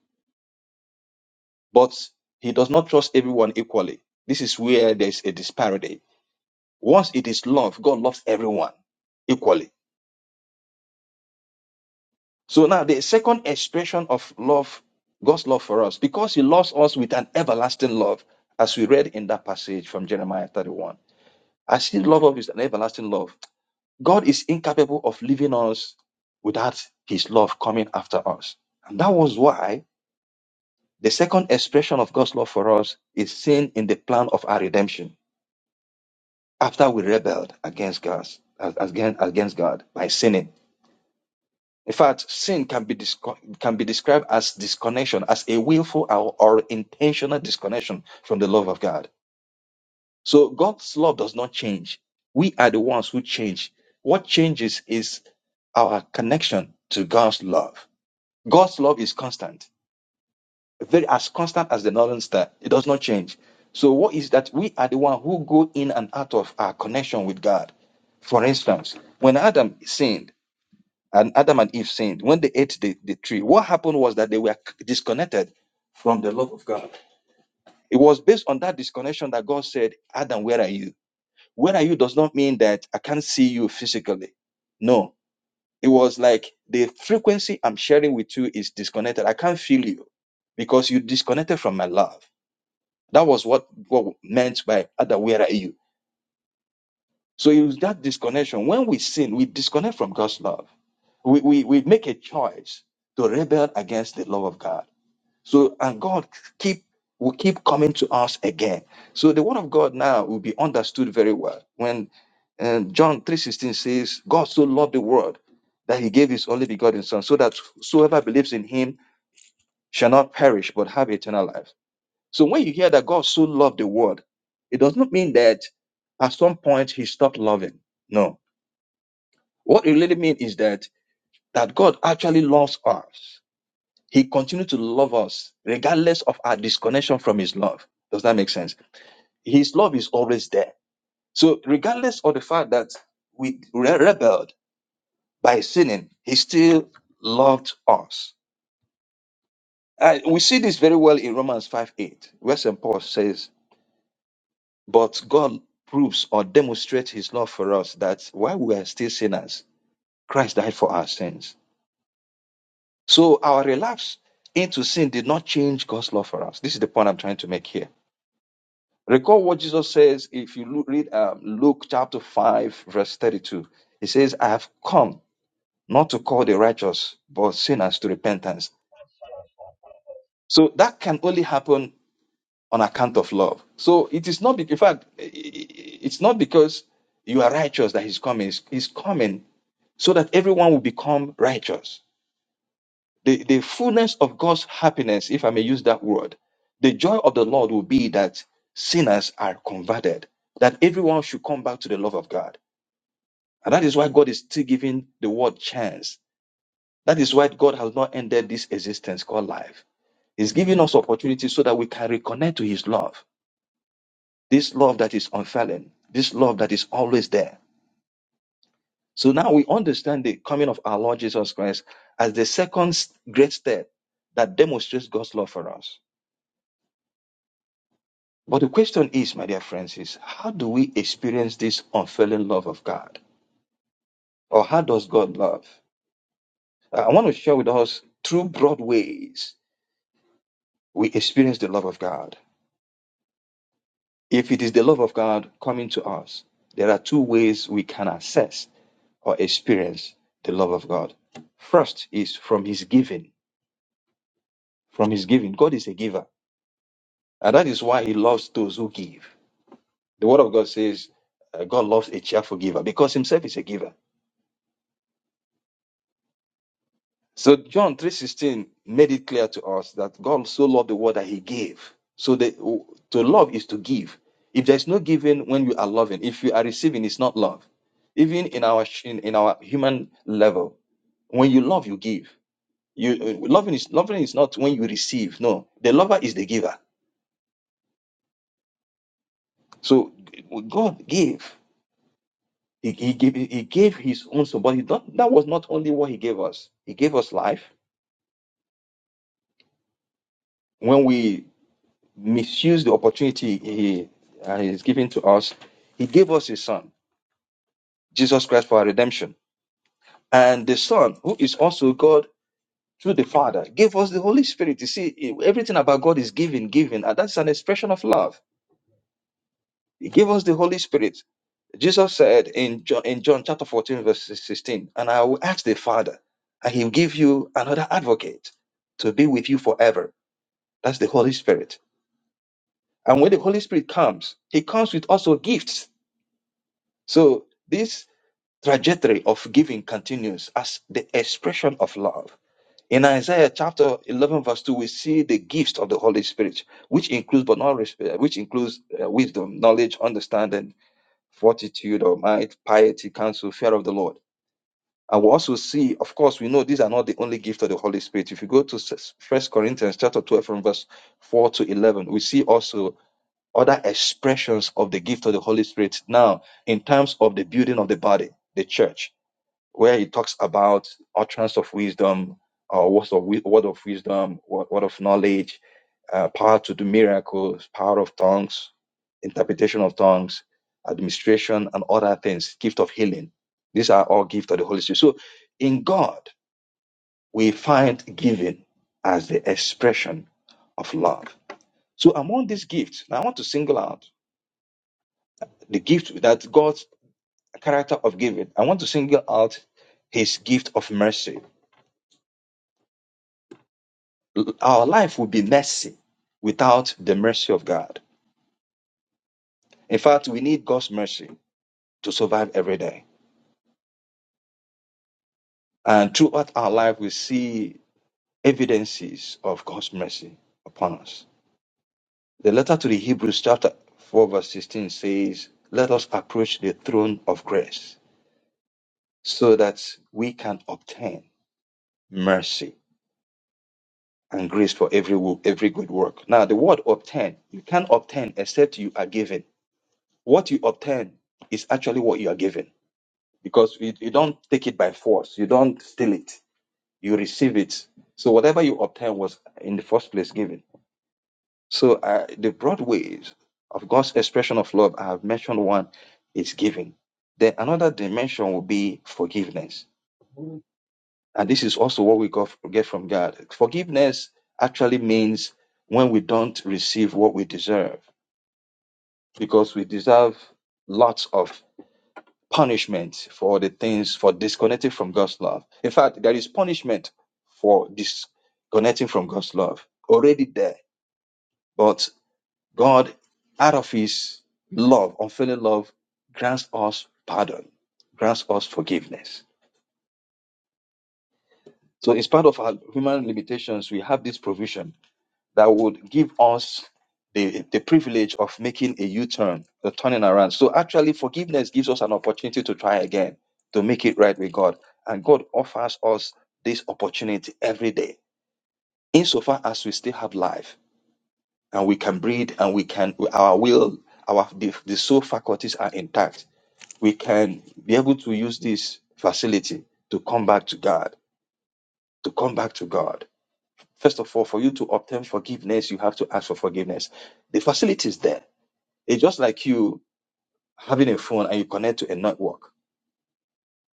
Speaker 12: but he does not trust everyone equally. This is where there's a disparity. Once it is love, God loves everyone equally. So now the second expression of love, God's love for us, because he loves us with an everlasting love, as we read in that passage from Jeremiah 31. As his love of is an everlasting love, God is incapable of leaving us without his love coming after us. And that was why the second expression of God's love for us is seen in the plan of our redemption after we rebelled against God, against, against God by sinning. In fact, sin can be, disco- can be described as disconnection, as a willful or, or intentional disconnection from the love of God. So God's love does not change. We are the ones who change. What changes is our connection to God's love. God's love is constant. very as constant as the northern star. It does not change. So what is that we are the one who go in and out of our connection with God. For instance, when Adam sinned and Adam and Eve sinned, when they ate the, the tree, what happened was that they were disconnected from the love of God. It was based on that disconnection that God said, Adam, where are you? Where are you does not mean that I can't see you physically. No. It was like the frequency I'm sharing with you is disconnected. I can't feel you because you disconnected from my love. That was what what meant by "Ada, where are you?" So it was that disconnection. When we sin, we disconnect from God's love. We, we, we make a choice to rebel against the love of God. So and God keep will keep coming to us again. So the word of God now will be understood very well when um, John three sixteen says, "God so loved the world that He gave His only begotten Son, so that whosoever believes in Him shall not perish but have eternal life." So when you hear that God so loved the world, it does not mean that at some point he stopped loving. No. What it really means is that that God actually loves us. He continues to love us regardless of our disconnection from his love. Does that make sense? His love is always there. So regardless of the fact that we re- rebelled by sinning, he still loved us. Uh, we see this very well in Romans 5 8, where St. Paul says, But God proves or demonstrates his love for us that while we are still sinners, Christ died for our sins. So our relapse into sin did not change God's love for us. This is the point I'm trying to make here. Recall what Jesus says if you look, read um, Luke chapter 5, verse 32. He says, I have come not to call the righteous, but sinners to repentance.
Speaker 13: Thank you.
Speaker 12: So that can only happen on account of love. So it is not, be- in fact, i- i- it's not because you are righteous that he's coming. He's he's coming so that everyone will become righteous. The, the fullness of God's happiness, if I may use that word, the joy of the Lord will be that sinners are converted, that everyone should come back to the love of God. And that is why God is still giving the world chance. That is why God has not ended this existence called life. He's giving us opportunity so that we can reconnect to His love, this love that is unfailing, this love that is always there So now we understand the coming of our Lord Jesus Christ as the second great step that demonstrates God's love for us. But the question is, my dear friends, is how do we experience this unfailing love of God? Or how does God love? Uh, I want to share with us two broad ways we experience the love of God. If it is the love of God coming to us, there are two ways we can assess or experience the love of God. First is from His giving. From His giving, God is a giver. And that is why he loves those who give. The word of God says uh, God loves a cheerful giver because himself is a giver. So John 3:16 made it clear to us that God so loved the world that he gave. So the, to love is to give. If there's no giving when you are loving, if you are receiving, it's not love. Even in our in, in our human level, when you love, you give. You uh, loving is loving is not when you receive. No, the lover is the giver. So uh, God gave. He, he gave he gave his own son, but he don't, that was not only what he gave us. He gave us life. When we misuse the opportunity he uh, is giving to us, he gave us his son, Jesus Christ, for our redemption. And the Son, who is also God through the Father, gave us the Holy Spirit. You see, everything about God is giving, giving, and that's an expression of love. He gave us the Holy Spirit Jesus said in John, in John chapter 14, verse 16, and I will ask the Father, and he'll give you another advocate to be with you forever. That's the Holy Spirit. And when the Holy Spirit comes, he comes with also gifts. So this trajectory of giving continues as the expression of love. In Isaiah chapter 11, verse 2, we see the gifts of the Holy Spirit, which includes but not res- uh, which includes uh, wisdom, knowledge, understanding, fortitude or might, piety, counsel, fear of the Lord. And we also see, of course, we know these are not the only gift of the Holy Spirit. If you go to First Corinthians chapter 12 from verse 4 to 11, we see also other expressions of the gift of the Holy Spirit now in terms of the building of the body, the church, where he talks about utterance of wisdom, uh, words of wi- word of wisdom, wo- word of knowledge, uh, power to do miracles, power of tongues, interpretation of tongues, administration, and other things, gift of healing. These are all gifts of the Holy Spirit. So in God, we find giving as the expression of love. So among these gifts, now I want to single out the gift that God's character of giving. I want to single out his gift of mercy. L- Our life would be messy without the mercy of God. In fact, we need God's mercy to survive every day. And throughout our life, we see evidences of God's mercy upon us. The letter to the Hebrews, chapter 4, verse 16 says, Let us approach the throne of grace so that we can obtain mercy and grace for every, wo- every good work. Now, the word obtain, you can't obtain except you are given. What you obtain is actually what you are given because you, you don't take it by force, you don't steal it, you receive it. So, whatever you obtain was in the first place given. So uh, the broad ways of God's expression of love, I have mentioned one is giving. Then another dimension will be forgiveness. And this is also what we got, get from God. Forgiveness actually means when we don't receive what we deserve, because we deserve lots of punishment for the things for disconnecting from God's love. In fact, there is punishment for disconnecting from God's love already there. but. God, out of his love, unfailing love, grants us pardon, grants us forgiveness. So, in spite of our human limitations, we have this provision that would give us the, the privilege of making a U turn, the turning around. So, actually, forgiveness gives us an opportunity to try again, to make it right with God. And God offers us this opportunity every day, insofar as we still have life and we can breathe and we can, our will, our the, the soul faculties are intact we can be able to use this facility to come back to God, to come back to God. First of all, for you to obtain forgiveness, you have to ask for forgiveness. The facility is there. It's just like you having a phone and you connect to a network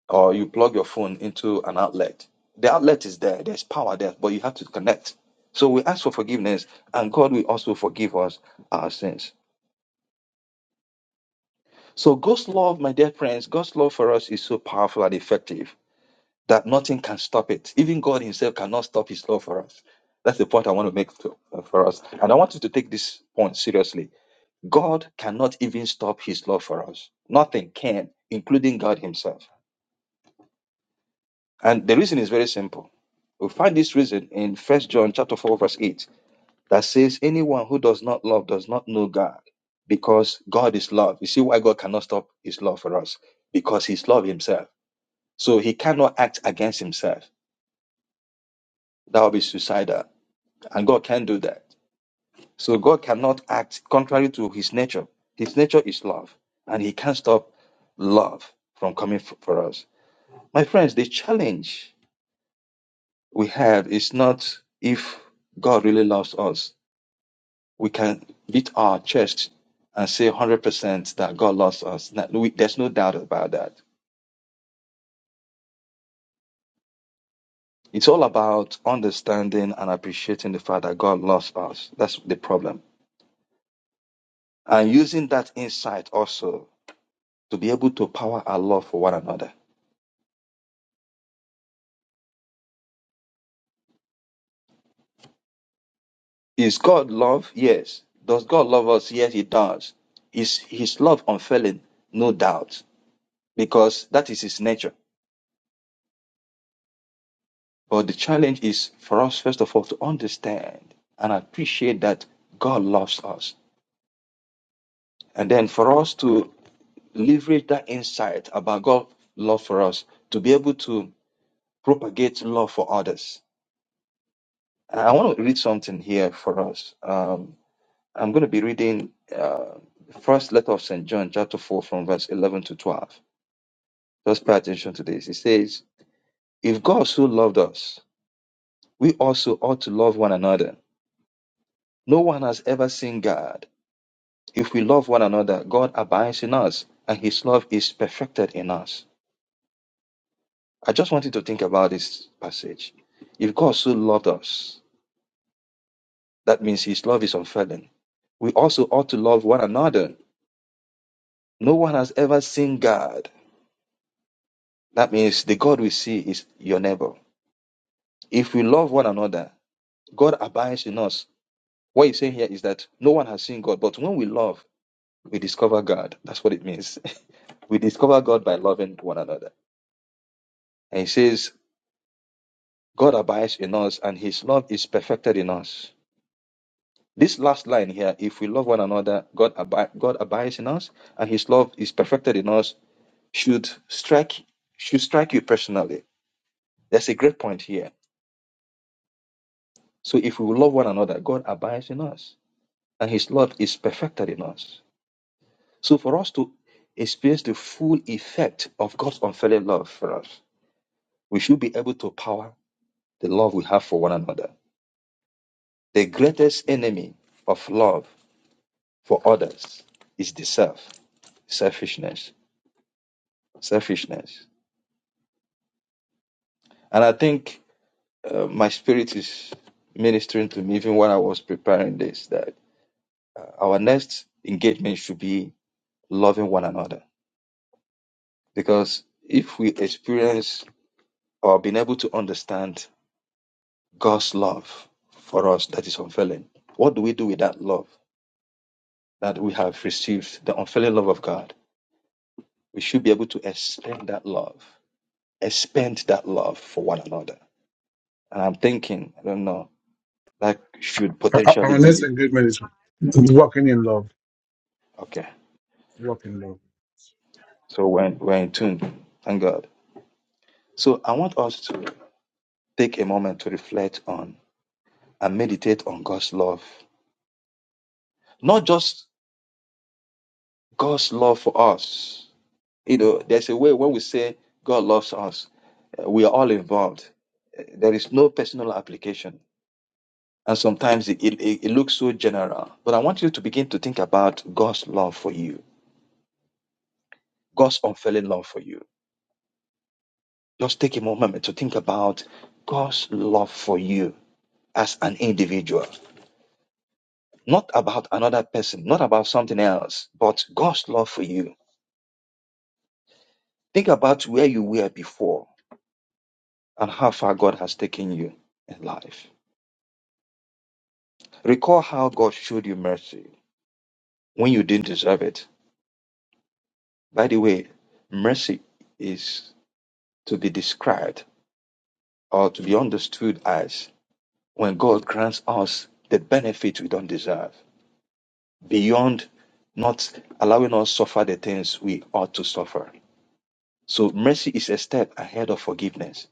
Speaker 12: or you plug your phone into an outlet. The outlet is there, there's power there, but you have to connect. So we ask for forgiveness and God will also forgive us our sins. So God's love, my dear friends, God's love for us is so powerful and effective that nothing can stop it. Even God Himself cannot stop His love for us. That's the point I want to make to- uh, for us. And I want you to take this point seriously. God cannot even stop His love for us. Nothing can, including God Himself. And the reason is very simple. We find this reason in 1 John chapter 4, verse 8, that says, Anyone who does not love does not know God, because God is love. You see why God cannot stop his love for us? Because he's love himself. So he cannot act against himself. That would be suicidal And God can't do that. So God cannot act contrary to his nature. His nature is love, and he can't stop love from coming f- for us. My friends, the challenge we have is not if God really loves us. We can beat our chest and say 100% that God loves us. That we- There's no doubt about that. It's all about understanding and appreciating the fact that God loves us. That's the problem. And using that insight also to be able to power our love for one another. Is God love? Yes. Does God love us? Yes, He does. Is His love unfailing? No doubt, because that is His nature. But the challenge is for us, first of all, to understand and appreciate that God loves us. And then for us to leverage that insight about God's love for us to be able to propagate love for others. I want to read something here for us. Um, I'm going to be reading uh, the first letter of St. John, chapter 4, from verse 11 to 12. Just pay attention to this. It says, If God so loved us, we also ought to love one another. No one has ever seen God. If we love one another, God abides in us, and his love is perfected in us. I just want you to think about this passage. If God so loved us, that means his love is unfailing. We also ought to love one another. No one has ever seen God. That means the God we see is your neighbor. If we love one another, God abides in us. What he's saying here is that no one has seen God, but when we love, we discover God. That's what it means. we discover God by loving one another. And he says, God abides in us and his love is perfected in us. This last line here, if we love one another, God, abi- God abides in us and his love is perfected in us, should strike, should strike you personally. That's a great point here. So if we love one another, God abides in us. and his love is perfected in us. So for us to experience the full effect of God's unfailing love for us, we should be able to power the love we have for one another. The greatest enemy of love for others is the self, selfishness, selfishness. And I think uh, my spirit is ministering to me even when I was preparing this that our next engagement should be loving one another because if we experience or been able to understand God's love for us that is unfailing. What do we do with that love that we have received, the unfailing love of God? We should be able to expend that love, expend that love for one another. And I'm thinking, I don't know, that should
Speaker 5: Uh, uh,
Speaker 12: potentially
Speaker 5: Ernest
Speaker 12: be
Speaker 5: and is walking in love.
Speaker 12: okay.
Speaker 5: Walking in love.
Speaker 12: So we're, we're in tune, thank God. So I want us to take a moment to reflect on and meditate on God's love, not just God's love for us, You know, there's a way when we say God loves us, uh, we are all involved. Uh, There is no personal application. And sometimes it, it, it it looks so general. But I want you to begin to think about God's love for you, God's unfailing love for you. Just take a moment to think about God's love for you as an individual, not about another person, not about something else, but God's love for you. Think about where you were before and how far God has taken you in life Recall how God showed you mercy when you didn't deserve it. By the way, mercy is to be described or to be understood as when God grants us the benefit we don't deserve, beyond not allowing us suffer the things we ought to suffer. So mercy is a step ahead of forgiveness.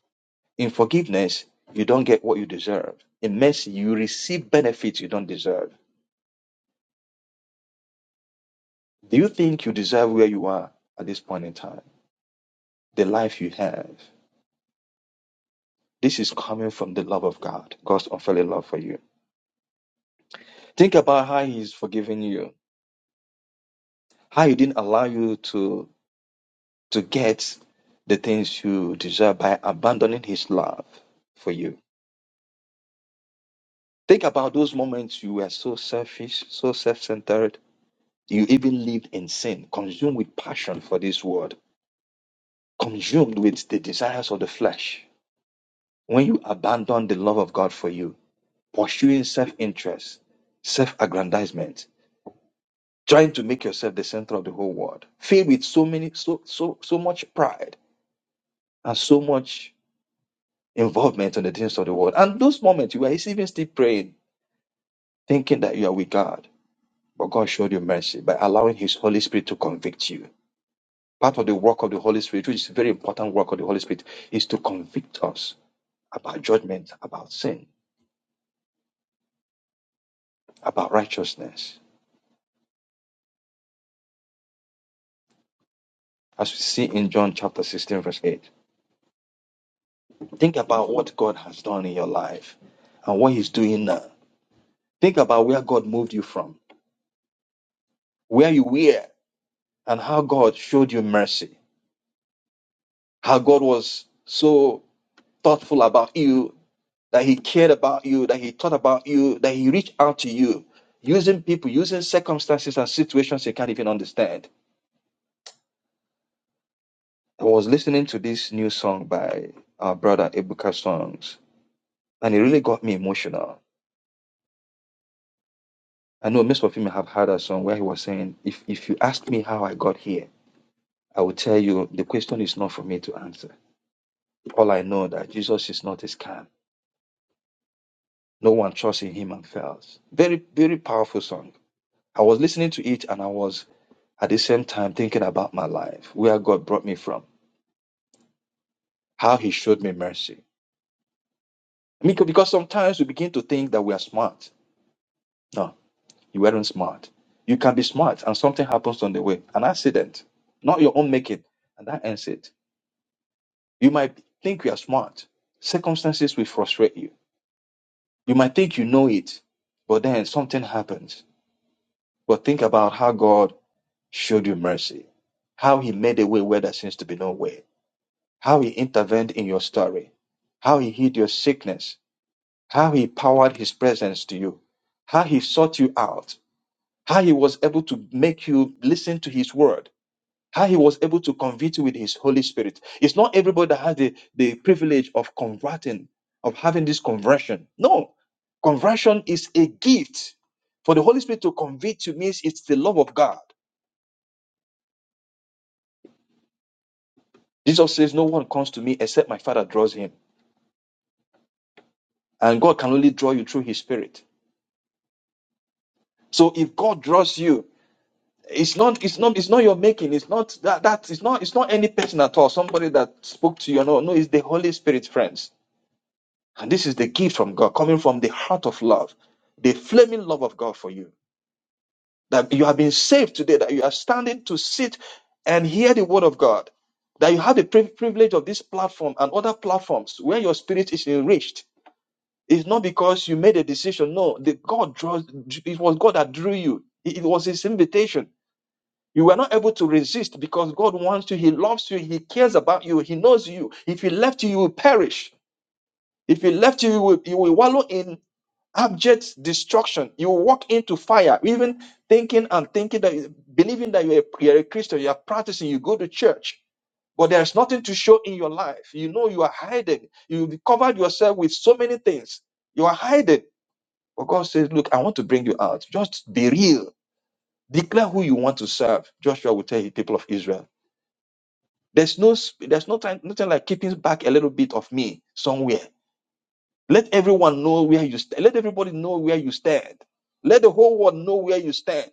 Speaker 12: In forgiveness, you don't get what you deserve. In mercy, you receive benefits you don't deserve. Do you think you deserve where you are at this point in time? The life you have? This is coming from the love of God, God's unfailing love for you. Think about how He's forgiving you, how He didn't allow you to to get the things you deserve by abandoning His love for you. Think about those moments you were so selfish, so self-centered. You even lived in sin, consumed with passion for this world, consumed with the desires of the flesh. When you abandon the love of God for you, pursuing self-interest, self-aggrandizement, trying to make yourself the center of the whole world, filled with so many, so so so much pride and so much involvement in the things of the world. And those moments you were even still praying, thinking that you are with God, but God showed you mercy by allowing His Holy Spirit to convict you. Part of the work of the Holy Spirit, which is a very important work of the Holy Spirit, is to convict us about judgment, about sin, about righteousness. As we see in John chapter 16, verse 8. Think about what God has done in your life and what He's doing now Think about where God moved you from, where you were, and how God showed you mercy. How God was so thoughtful about you, that He cared about you, that He thought about you, that He reached out to you, using people, using circumstances and situations you can't even understand. I was listening to this new song by our brother Ebuka Songs, and it really got me emotional. I know most of you may have heard a song where he was saying, if, if you ask me how I got here, I will tell you the question is not for me to answer. All I know that Jesus is not a scam. No one trusts in him and fails. Very, very powerful song. I was listening to it and I was at the same time thinking about my life, where God brought me from, how he showed me mercy. Because because sometimes we begin to think that we are smart. No, you weren't smart. You can be smart and something happens on the way, an accident, not your own making, and that ends it. You might think you are smart. Circumstances will frustrate you. You might think you know it, but then something happens But think about how God showed you mercy, how He made a way where there seems to be no way, how He intervened in your story, how He healed your sickness, how He powered His presence to you, how He sought you out, how He was able to make you listen to His word, how He was able to convert you with His Holy Spirit. It's not everybody that has the, the privilege of converting, of having this conversion. No, conversion is a gift. For the Holy Spirit to convict you means it's the love of God. Jesus says, No one comes to me except my Father draws him. And God can only draw you through his spirit. So if God draws you, it's not it's not it's not your making, it's not that that it's not it's not any person at all, somebody that spoke to you. No, no, it's the Holy Spirit, friends. And this is the gift from God coming from the heart of love, the flaming love of God for you. That you have been saved today, that you are standing to sit and hear the word of God, that you have the pri- privilege of this platform and other platforms where your spirit is enriched It's not because you made a decision. No, the God draws. It was God that drew you. It, it was His invitation. You were not able to resist because God wants you. He loves you. He cares about you. He knows you. If He left you, you will perish. If He left you, you will, you will wallow in abject destruction. You will walk into fire. Even thinking and thinking that, believing that you're a, you're a Christian, you are practicing, you go to church, but there's nothing to show in your life. You know you are hiding. You covered yourself with so many things. You are hiding. But God says, Look, I want to bring you out. Just be real. Declare who you want to serve. Joshua will tell the people of Israel. There's no sp- there's no time, nothing like keeping back a little bit of me somewhere. Let everyone know where you stand. Let everybody know where you stand. Let the whole world know where you stand.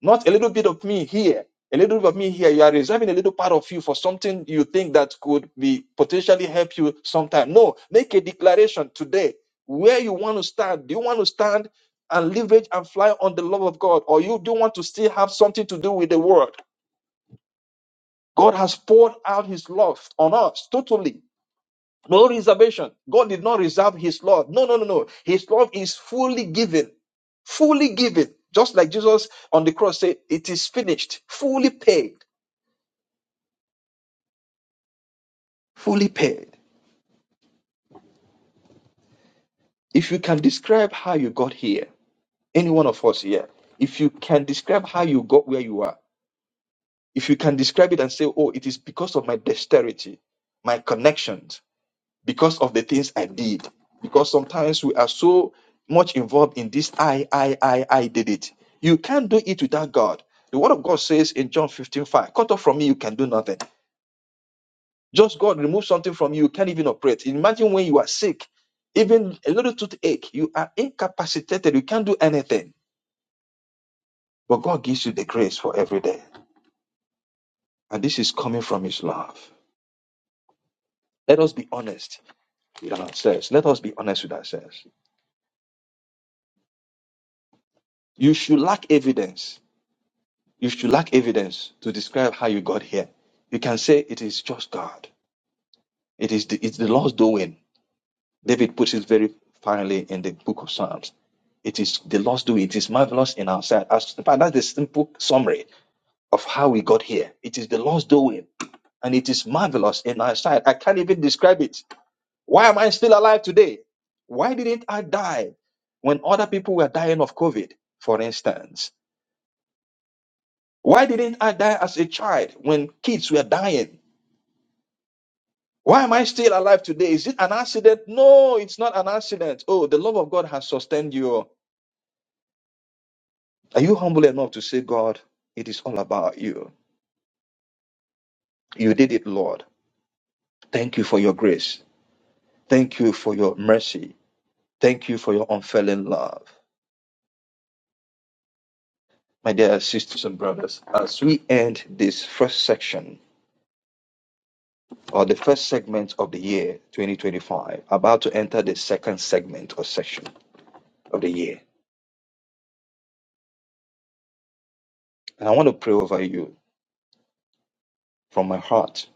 Speaker 12: Not a little bit of me here, a little bit of me here. You are reserving a little part of you for something you think that could be potentially help you sometime. No, make a declaration today where you want to stand. Do you want to stand and leverage and fly on the love of God, or you do want to still have something to do with the world? God has poured out His love on us totally. No reservation. God did not reserve his love. No, no, no, no. His love is fully given. Fully given. Just like Jesus on the cross said, it is finished. Fully paid. Fully paid. If you can describe how you got here, any one of us here, if you can describe how you got where you are, if you can describe it and say, oh, it is because of my dexterity, my connections, because of the things I did. Because sometimes we are so much involved in this I, I, I, I did it. You can't do it without God. The word of God says in John 15:5, cut off from me, you can do nothing. Just God remove something from you, you can't even operate. Imagine when you are sick, even a little toothache, you are incapacitated, you can't do anything. But God gives you the grace for every day. And this is coming from His love. Let us be honest with ourselves. Let us be honest with ourselves. You should lack evidence You should lack evidence to describe how you got here. You can say it is just God. It is the, it's the Lord's doing. David puts it very finely in the book of Psalms. It is the Lord's doing. It is marvelous in our sight. As, in fact, that's the simple summary of how we got here. It is the Lord's doing, and it is marvelous in our sight. I can't even describe it. Why am I still alive today? Why didn't I die when other people were dying of COVID, for instance? Why didn't I die as a child when kids were dying? Why am I still alive today? Is it an accident? No, it's not an accident. Oh, the love of God has sustained you. Are you humble enough to say, God, it is all about you? You did it, Lord. Thank you for your grace. Thank you for your mercy. Thank you for your unfailing love. My dear sisters and brothers, as we end this first section or the first segment of the year 2025, about to enter the second segment or section of the year, and I want to pray over you from my heart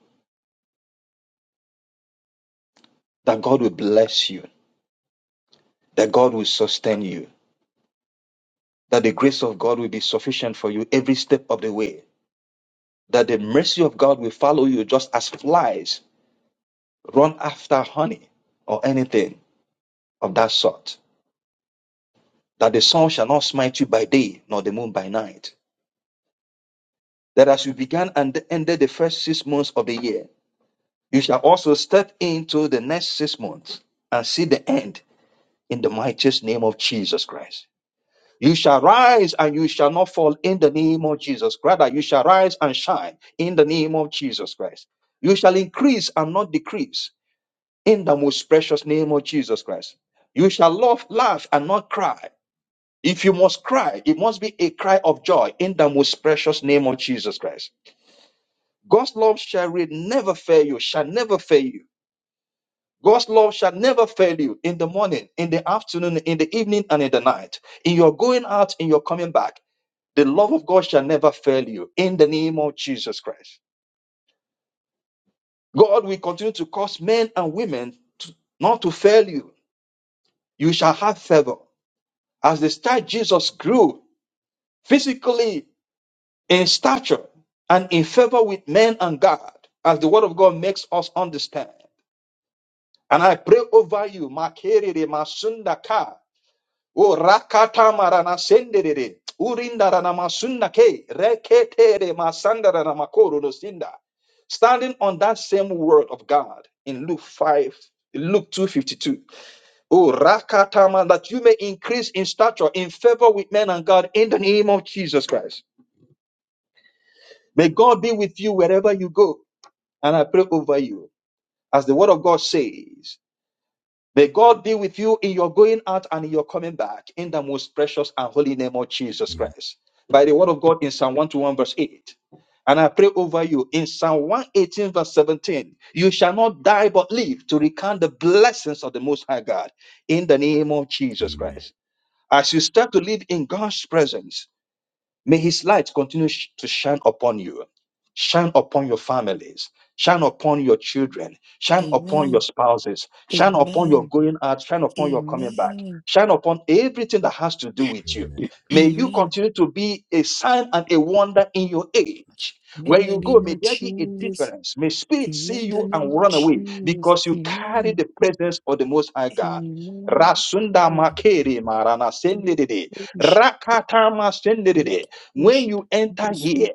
Speaker 12: that God will bless you that God will sustain you, that the grace of God will be sufficient for you every step of the way, that the mercy of God will follow you just as flies run after honey or anything of that sort, that the sun shall not smite you by day nor the moon by night, that as you began and ended the first six months of the year, you shall also step into the next six months and see the end in the mightiest name of Jesus Christ. You shall rise and you shall not fall in the name of Jesus. Rather, you shall rise and shine in the name of Jesus Christ. You shall increase and not decrease in the most precious name of Jesus Christ. You shall love, laugh, and not cry. If you must cry, it must be a cry of joy in the most precious name of Jesus Christ. God's love shall re- never fail you, shall never fail you. God's love shall never fail you in the morning, in the afternoon, in the evening, and in the night. In your going out, in your coming back The love of God shall never fail you in the name of Jesus Christ. God will continue to cause men and women to, not to fail you. You shall have favor. As the star Jesus grew physically in stature and in favor with men and God, as the word of God makes us understand. And I pray over you, Makere de Masunda O rakata marana sendere urinda rana masunda ke rekete de masanda rana makoro no sinda. Standing on that same word of God in Luke five, Luke two fifty two. Oh, rakata ma- that you may increase in stature, in favor with men and God, in the name of Jesus Christ. May God be with you wherever you go, and I pray over you, as the word of God says. May God be with you in your going out and in your coming back in the most precious and holy name of Jesus
Speaker 10: Amen.
Speaker 12: Christ. By the word of God in Psalm 121, verse 8. And I pray over you in Psalm 118, verse 17. You shall not die but live to recount the blessings of the Most High God in the name of Jesus
Speaker 10: Amen.
Speaker 12: Christ. As you step to live in God's presence, May his light continue sh- to shine upon you, shine upon your families, shine upon your children, shine upon
Speaker 1: Amen.
Speaker 12: your spouses, shine upon your
Speaker 1: Amen.
Speaker 12: going out, shine upon your coming back,
Speaker 1: Amen.
Speaker 12: shine upon everything that has to do with you.
Speaker 10: Amen.
Speaker 12: May you
Speaker 1: Amen.
Speaker 12: continue to be a sign and a wonder in your age. Where
Speaker 1: Amen. The
Speaker 12: you go,
Speaker 1: name
Speaker 12: may
Speaker 1: of
Speaker 12: there be a
Speaker 1: Jesus.
Speaker 12: difference. May spirits see
Speaker 1: Amen. The
Speaker 12: you
Speaker 1: name
Speaker 12: and
Speaker 1: of
Speaker 12: run away
Speaker 1: Jesus.
Speaker 12: because you carry
Speaker 1: Amen.
Speaker 12: the presence of the Most High God.
Speaker 1: Amen.
Speaker 12: Rasunda makere marana
Speaker 1: Look,
Speaker 12: sendedede.
Speaker 1: push,
Speaker 12: Rakatama sendedede.
Speaker 1: look,
Speaker 12: When
Speaker 1: push.
Speaker 12: you enter
Speaker 1: Yes, Lord.
Speaker 12: here,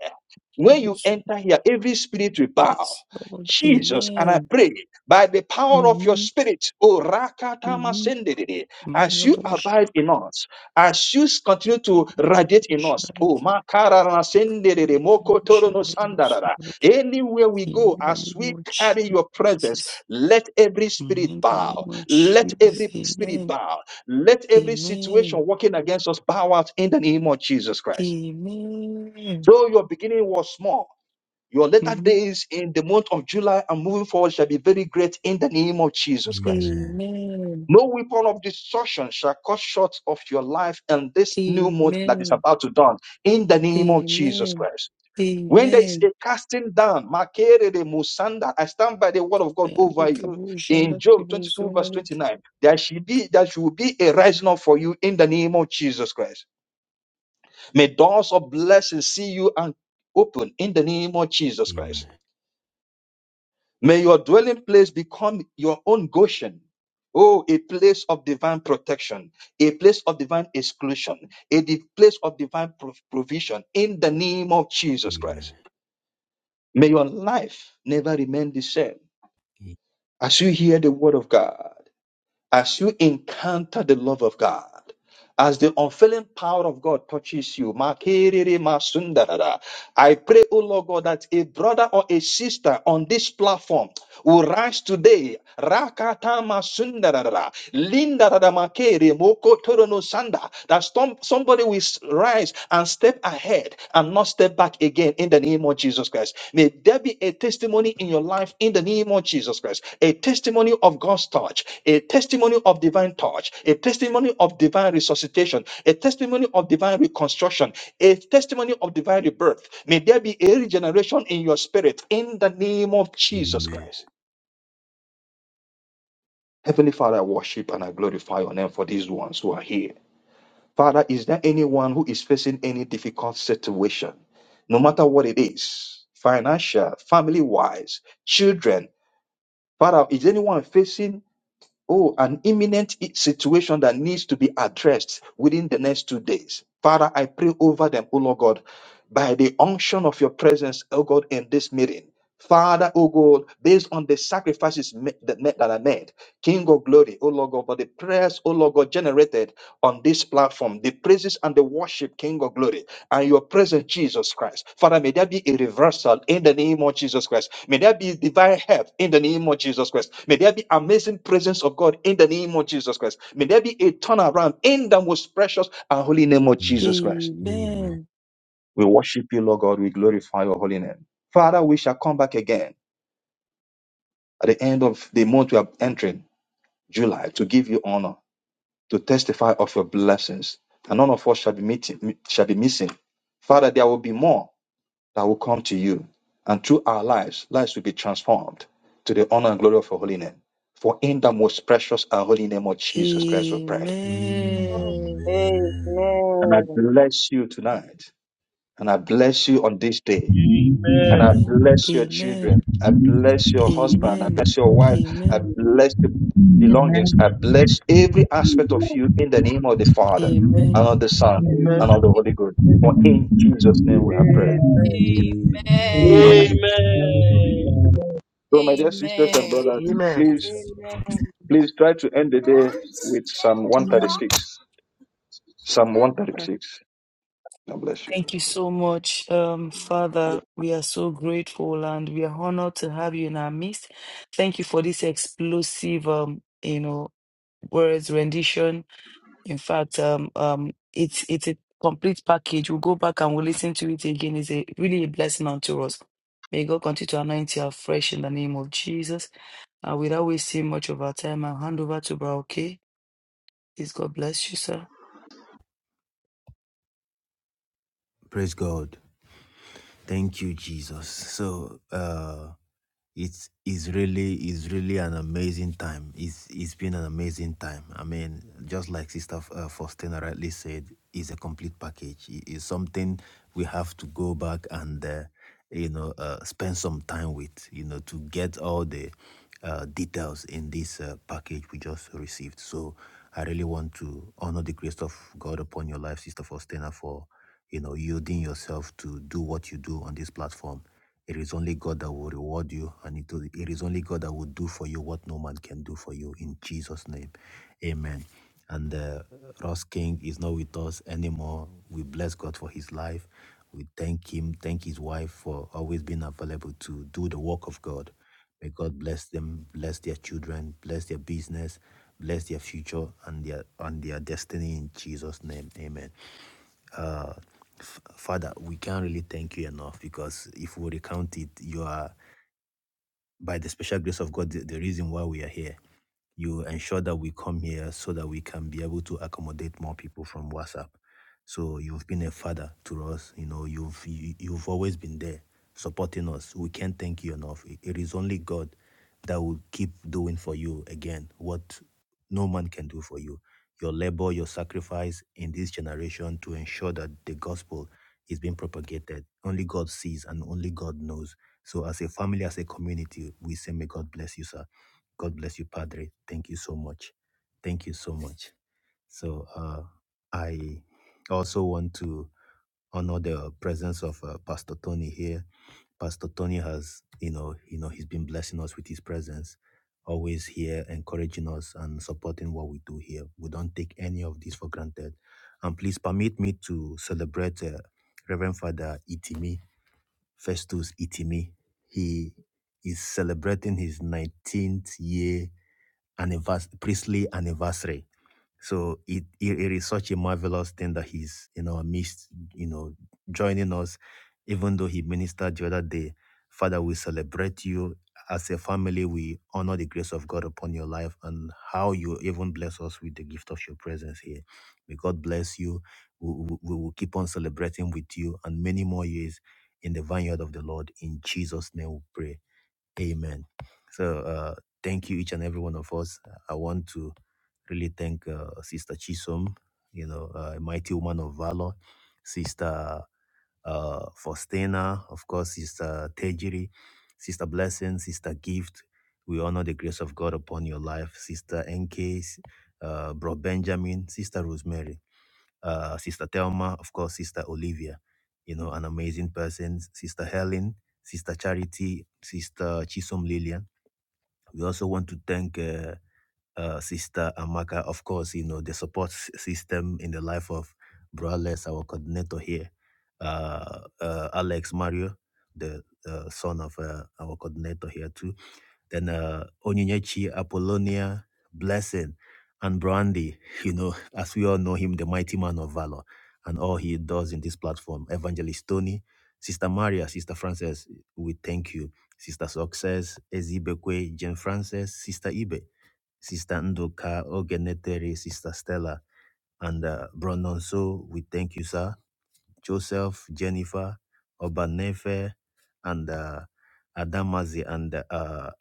Speaker 12: when you
Speaker 1: yes, Lord.
Speaker 12: enter here, every spirit will bow.
Speaker 1: Yes, Lord.
Speaker 12: Jesus, and I
Speaker 1: Amen.
Speaker 12: pray by the power of your
Speaker 1: Mm-hmm.
Speaker 12: spirit, O Rakatama
Speaker 1: Mm-hmm.
Speaker 12: Sendedede, as
Speaker 1: My
Speaker 12: you
Speaker 1: abortion.
Speaker 12: abide in us, as you continue
Speaker 1: Amen.
Speaker 12: to
Speaker 1: The name
Speaker 12: radiate
Speaker 1: of
Speaker 12: in us,
Speaker 1: Jesus. Amen.
Speaker 12: O Makarara Sendedede, Mokotoro no Sandarara, anywhere we go,
Speaker 1: The
Speaker 12: as we carry your presence, let every spirit bow,
Speaker 1: name of
Speaker 12: let
Speaker 1: Jesus.
Speaker 12: every spirit
Speaker 1: Amen.
Speaker 12: bow, let every
Speaker 1: Amen.
Speaker 12: situation working against us bow out in the name of Jesus Christ.
Speaker 1: Amen.
Speaker 12: So your beginning was small. Your later
Speaker 1: Mhm.
Speaker 12: days in the month of July and moving forward shall be very great in the name of Jesus Christ.
Speaker 10: Amen.
Speaker 1: Amen.
Speaker 12: No weapon of destruction shall cut short of your life and this new month that is
Speaker 1: Amen.
Speaker 12: about to dawn in the name of Jesus
Speaker 1: Amen.
Speaker 12: Christ. When there is a
Speaker 1: Amen.
Speaker 12: casting down, Makere de Musanda, I stand by the word of God over you. In
Speaker 1: Alekabujanda
Speaker 12: Job 22,
Speaker 1: kebuzona
Speaker 12: verse
Speaker 1: leke.
Speaker 12: 29, there should be there should be a rising up for you in the name of Jesus Christ. May doors of blessing see you and open in the name of Jesus Christ.
Speaker 10: Amen.
Speaker 12: May your dwelling place become your own Goshen. Oh, a place of divine protection, a place of divine exclusion, a di- place of divine pro- provision in the name of Jesus Christ.
Speaker 10: Amen.
Speaker 12: May your life never remain the same as you hear the word of God. As you encounter the love of God, as the unfailing power of God touches you, Makiriri Masundarara, I pray, O Lord God, that a brother or a sister on this platform will rise today. Rakatama sundarara. Linda radamakere moko torono sanda. That some, somebody will s- rise and step ahead and not step back again in the name of Jesus Christ. May there be a testimony in your life in the name of Jesus Christ. A testimony of God's touch, a testimony of divine touch, a testimony of divine resuscitation, a testimony of divine reconstruction, a testimony of divine rebirth. May there be a regeneration in your spirit in the name of Jesus
Speaker 10: Amen.
Speaker 12: Christ. Heavenly Father, I worship and I glorify your name for these ones who are here. Father, is there anyone who is facing any difficult situation, no matter what it is, financial, family wise, children? Father, is anyone facing Oh, an imminent i- situation that needs to be addressed within the next two days. Father, I pray over them, oh Lord God, by the unction of your presence, oh God, in this meeting. Father, oh God, based on the sacrifices ma- that ma- that are made, King of glory, oh Lord God, for the prayers, oh Lord God, generated on this platform, the praises and the worship, King of glory and your presence, Jesus Christ. Father, may there be a reversal in the name of Jesus Christ. May there be divine help in the name of Jesus Christ. May there be amazing presence of God in the name of Jesus Christ. May there be a turnaround in the most precious and holy name of Jesus Christ.
Speaker 10: Amen.
Speaker 1: Amen.
Speaker 12: We worship you, Lord God. We glorify your holy name. Father, we shall come back again at the end of the month we are entering, July, to give you honor, to testify of your blessings. And none of us shall be, meeting, shall be missing. Father, there will be more that will come to you. And through our lives, lives will be transformed to the honor and glory of your holy name. For in the most precious and holy name of Jesus Christ, we prayed.
Speaker 1: Amen.
Speaker 10: Amen.
Speaker 12: And I
Speaker 14: Amen.
Speaker 12: bless you tonight. And I bless you on this day. And I
Speaker 4: Amen.
Speaker 1: Amen.
Speaker 12: bless your
Speaker 1: Amen.
Speaker 12: children. I bless your
Speaker 1: Amen.
Speaker 12: husband. I bless your wife. I
Speaker 1: Amen.
Speaker 12: bless the belongings.
Speaker 11: Amen.
Speaker 12: I bless every aspect of you in the name of the Father
Speaker 4: Amen.
Speaker 12: and
Speaker 1: Amen.
Speaker 12: of the Son
Speaker 4: Amen.
Speaker 12: and
Speaker 11: Amen.
Speaker 12: of the Holy Ghost. For in Jesus' name we have prayed.
Speaker 11: Amen.
Speaker 4: Amen.
Speaker 10: Amen.
Speaker 15: Amen.
Speaker 11: Amen. Glory be to
Speaker 4: Amen.
Speaker 11: God.
Speaker 12: So, my dear sisters and
Speaker 15: Amen.
Speaker 12: brothers,
Speaker 16: Amen.
Speaker 12: please
Speaker 17: Amen.
Speaker 12: Please try to end the day with Psalm 136. Psalm 136. God bless you.
Speaker 1: Thank you so much, um,
Speaker 18: Amen.
Speaker 1: Father. We are so grateful and we are honored to have you in our midst. Thank you for this explosive, um, you know. whereas rendition in fact um um it's it's a complete package we'll go back and we'll listen to it again it's a really a blessing unto us may god continue to anoint you afresh in the name of jesus uh, without wasting much of our time i'll hand over to bro okay please god bless you sir
Speaker 10: Praise God. Thank you, Jesus. So, uh, It's is really is really an amazing time. It's it's been an amazing time. I mean, just like Sister uh, Faustina rightly said, it's a complete package. It- It's something we have to go back and uh, you know uh, spend some time with. You know to get all the uh, details in this uh, package we just received. So I really want to honor the grace of God upon your life, Sister Faustina, for you know yielding yourself to do what you do on this platform it is only God that will reward you, and it will- it is only God that will do for you what no man can do for you. In Jesus' name, Amen. And uh, Ross King is not with us anymore. We bless God for his life. We thank him, thank his wife for always being available to do the work of God. May God bless them, bless their children, bless their business, bless their future and their and their destiny in Jesus' name. Amen. Uh, F- Father, we can't really thank you enough because if we recount it, you are, by the special grace of God, the, the reason why we are here you ensure that we come here so that we can be able to accommodate more people from WhatsApp. So you've been a father to us. You know, you've you, you've always been there supporting us. We can't thank you enough. It it is only God that will keep doing for you again what no man can do for you. Your labor, your sacrifice in this generation to ensure that the gospel is being propagated. Only God sees and only God knows. So as a family, as a community, we say may God bless you, sir. God bless you, Padre. Thank you so much. Thank you so much. So uh, I also want to honor the presence of uh, Pastor Tony here. Pastor Tony has, you know, you know, he's been blessing us with his presence, always here, encouraging us and supporting what we do here. We don't take any of this for granted. And please permit me to celebrate uh, Reverend Father Itimi, Festus Itimi. He is celebrating his 19th year annivers- priestly anniversary. So it, it it is such a marvelous thing that he's in our midst, you know, joining us. Even though he ministered the other day, Father, we celebrate you as a family. We honor the grace of God upon your life and how you even bless us with the gift of your presence here. May God bless you. We, we, we will keep on celebrating with you and many more years in the vineyard of the Lord. In Jesus' name, we pray. Amen. So uh, thank you, each and every one of us. I want to really thank uh, Sister Chisom, you know, uh, a mighty woman of valor, Sister uh, Faustina, of course, Sister Tejiri, Sister Blessing, Sister Gift. We honor the grace of God upon your life, Sister NK, uh, Bro Benjamin, Sister Rosemary uh, Sister Thelma, of course, Sister Olivia, you know, an amazing person, Sister Helen, Sister Charity, Sister Chisom Lillian. We also want to thank uh, uh, Sister Amaka, of course, you know, the support s- system in the life of Brales, our coordinator here, uh, uh, Alex Mario, the uh, son of uh, our coordinator here too then uh, Onyinyechi, Apollonia, Blessing, and Brandy. You know, as we all know him, the mighty man of valor, and all he does in this platform. Evangelist Tony, Sister Maria, Sister Frances, we thank you. Sister Success, Ezibekwe, Jane Frances, Sister Ibe, Sister Ndoka, Ogeneteri, Sister Stella, and uh, Brandon. So we thank you, sir Joseph, Jennifer, Obanefe, and uh, Adamazi. And uh, uh,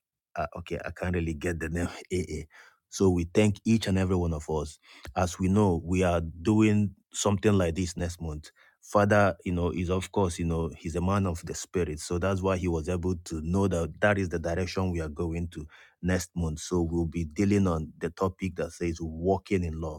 Speaker 10: okay, I can't really get the name. AA. So we thank each and every one of us. As we know, we are doing something like this next month. Father, you know, is of course, you know, he's a man of the spirit. So that's why he was able to know that that is the direction we are going to next month. So we'll be dealing on the topic that says walking in love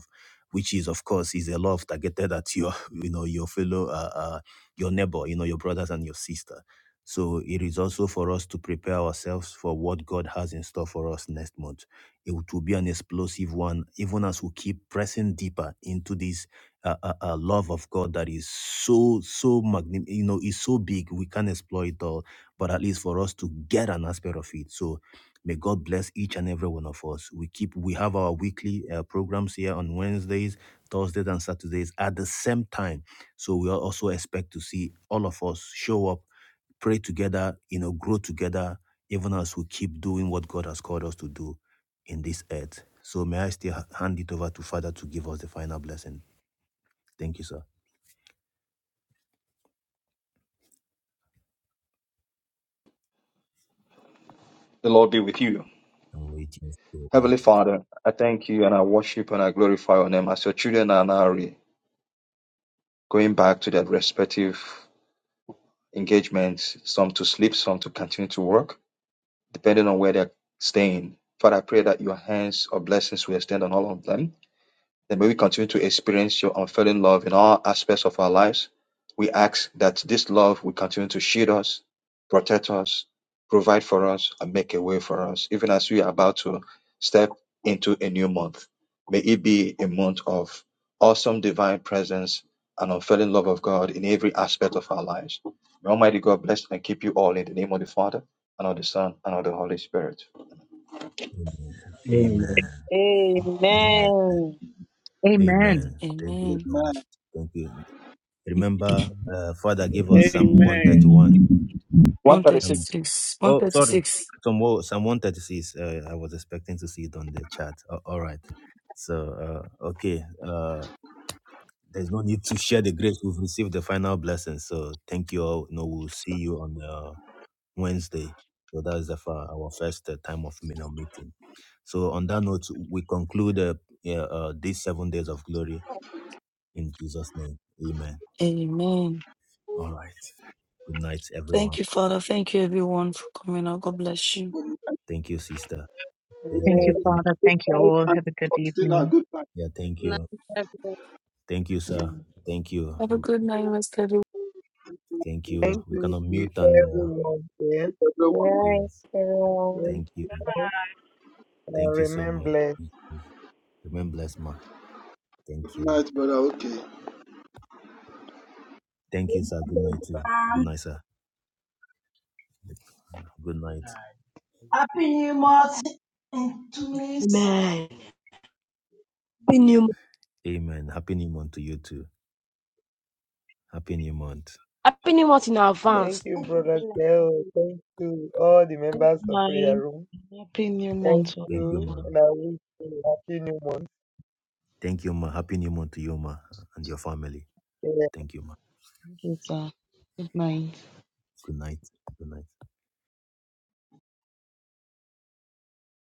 Speaker 10: which is of course is a love targeted at your you know your fellow uh, uh, your neighbor you know your brothers and your sister so it is also for us to prepare ourselves for what god has in store for us next month it will be an explosive one even as we keep pressing deeper into this uh, uh, uh, love of god that is so so magni- you know is so big we can't explore it all but at least for us to get an aspect of it so May God bless each and every one of us. We keep we have our weekly uh, programs here on Wednesdays, Thursdays, and Saturdays at the same time. So we also expect to see all of us show up, pray together, you know, grow together, even as we keep doing what God has called us to do in this earth. So may I still ha- hand it over to Father to give us the final blessing. Thank you, sir.
Speaker 12: The Lord be with you.
Speaker 10: I'm waiting for
Speaker 12: Heavenly
Speaker 10: it.
Speaker 12: Father, I thank you and I worship and I glorify your name as your children are now re- going back to their respective engagements, some to sleep, some to continue to work, depending on where they're staying. Father, I pray that your hands or blessings will extend on all of them that may we continue to experience your unfailing love in all aspects of our lives. We ask that this love will continue to shield us, protect us, provide for us, and make a way for us, even as we are about to step into a new month. May it be a month of awesome divine presence and unfailing love of God in every aspect of our lives. May Almighty God bless and keep you all in the name of the Father, and of the Son, and of the Holy Spirit.
Speaker 10: Amen.
Speaker 5: Amen.
Speaker 10: Amen.
Speaker 19: Yeah.
Speaker 10: Amen.
Speaker 14: Amen.
Speaker 11: Amen.
Speaker 10: Amen. Thank you
Speaker 1: amen
Speaker 10: so
Speaker 20: Man,
Speaker 10: much. Thank you. Remember, uh, Father gave us Psalm
Speaker 4: Amen.
Speaker 10: 131.
Speaker 12: 136.
Speaker 10: Um,
Speaker 1: 136
Speaker 10: oh, sorry.
Speaker 1: 136
Speaker 10: Psalm, wo- Psalm 136. Uh, I was expecting to see it on the chat. A- all right. So, uh, okay. Uh, there's no need to share the grace. We've received the final blessing. So, thank you all. No, we'll see you on uh, Wednesday. So, that is the, fir- our first uh, time of you know, meeting. So, on that note, we conclude uh, yeah, uh, these seven days of glory in Jesus' name. Amen.
Speaker 1: amen
Speaker 10: All right. Good night, everyone.
Speaker 1: thank you father thank you everyone for coming out god bless you
Speaker 20: when
Speaker 10: Thank you, sister. Thank
Speaker 20: you
Speaker 11: Thank you,
Speaker 10: you.
Speaker 14: Amen.
Speaker 20: like,
Speaker 10: Thank-
Speaker 11: Father.
Speaker 20: good
Speaker 11: Thank you
Speaker 20: night
Speaker 11: all.
Speaker 20: and
Speaker 11: Have a good
Speaker 20: sustain
Speaker 11: evening.
Speaker 20: our good night
Speaker 10: Yeah, thank
Speaker 21: Good night,
Speaker 10: you.
Speaker 21: everyone.
Speaker 10: Thank you, sir.
Speaker 1: Mm.
Speaker 10: Thank you.
Speaker 1: Have a good
Speaker 10: Thank you.
Speaker 16: Thank
Speaker 10: We
Speaker 16: you
Speaker 10: cannot
Speaker 16: to
Speaker 10: mute and uh,
Speaker 16: everyone here.
Speaker 20: to
Speaker 14: Good
Speaker 20: everyone.
Speaker 14: night,
Speaker 10: yes.
Speaker 14: everyone.
Speaker 16: Thank
Speaker 10: Thank you.
Speaker 16: you and
Speaker 10: Thank you so
Speaker 16: remain
Speaker 10: much.
Speaker 16: blessed.
Speaker 10: Remain blessed, ma. Thank
Speaker 20: Good
Speaker 10: you.
Speaker 20: night, brother. Okay.
Speaker 10: Thank you, sir. Good night too. Good
Speaker 3: Um,
Speaker 10: night, sir. Good night.
Speaker 22: Nice
Speaker 3: happy New Month in two minutes.
Speaker 23: Amen. Happy New Month.
Speaker 10: Amen. Happy new month to you too. Happy new month.
Speaker 23: Happy New Month in
Speaker 16: Thank
Speaker 23: advance.
Speaker 16: you, Brother Keo. Thank you, all the members of Prayer
Speaker 24: Bye.
Speaker 16: Room.
Speaker 24: Happy new
Speaker 16: Thank
Speaker 24: month. to all
Speaker 10: Thank you,
Speaker 16: you,
Speaker 24: my
Speaker 10: ma.
Speaker 16: and I wish you a happy new month.
Speaker 10: Thank you, ma. Happy new month to you, ma, and your family. Thank you, ma.
Speaker 24: friends. Good night.
Speaker 10: Good night. Good night.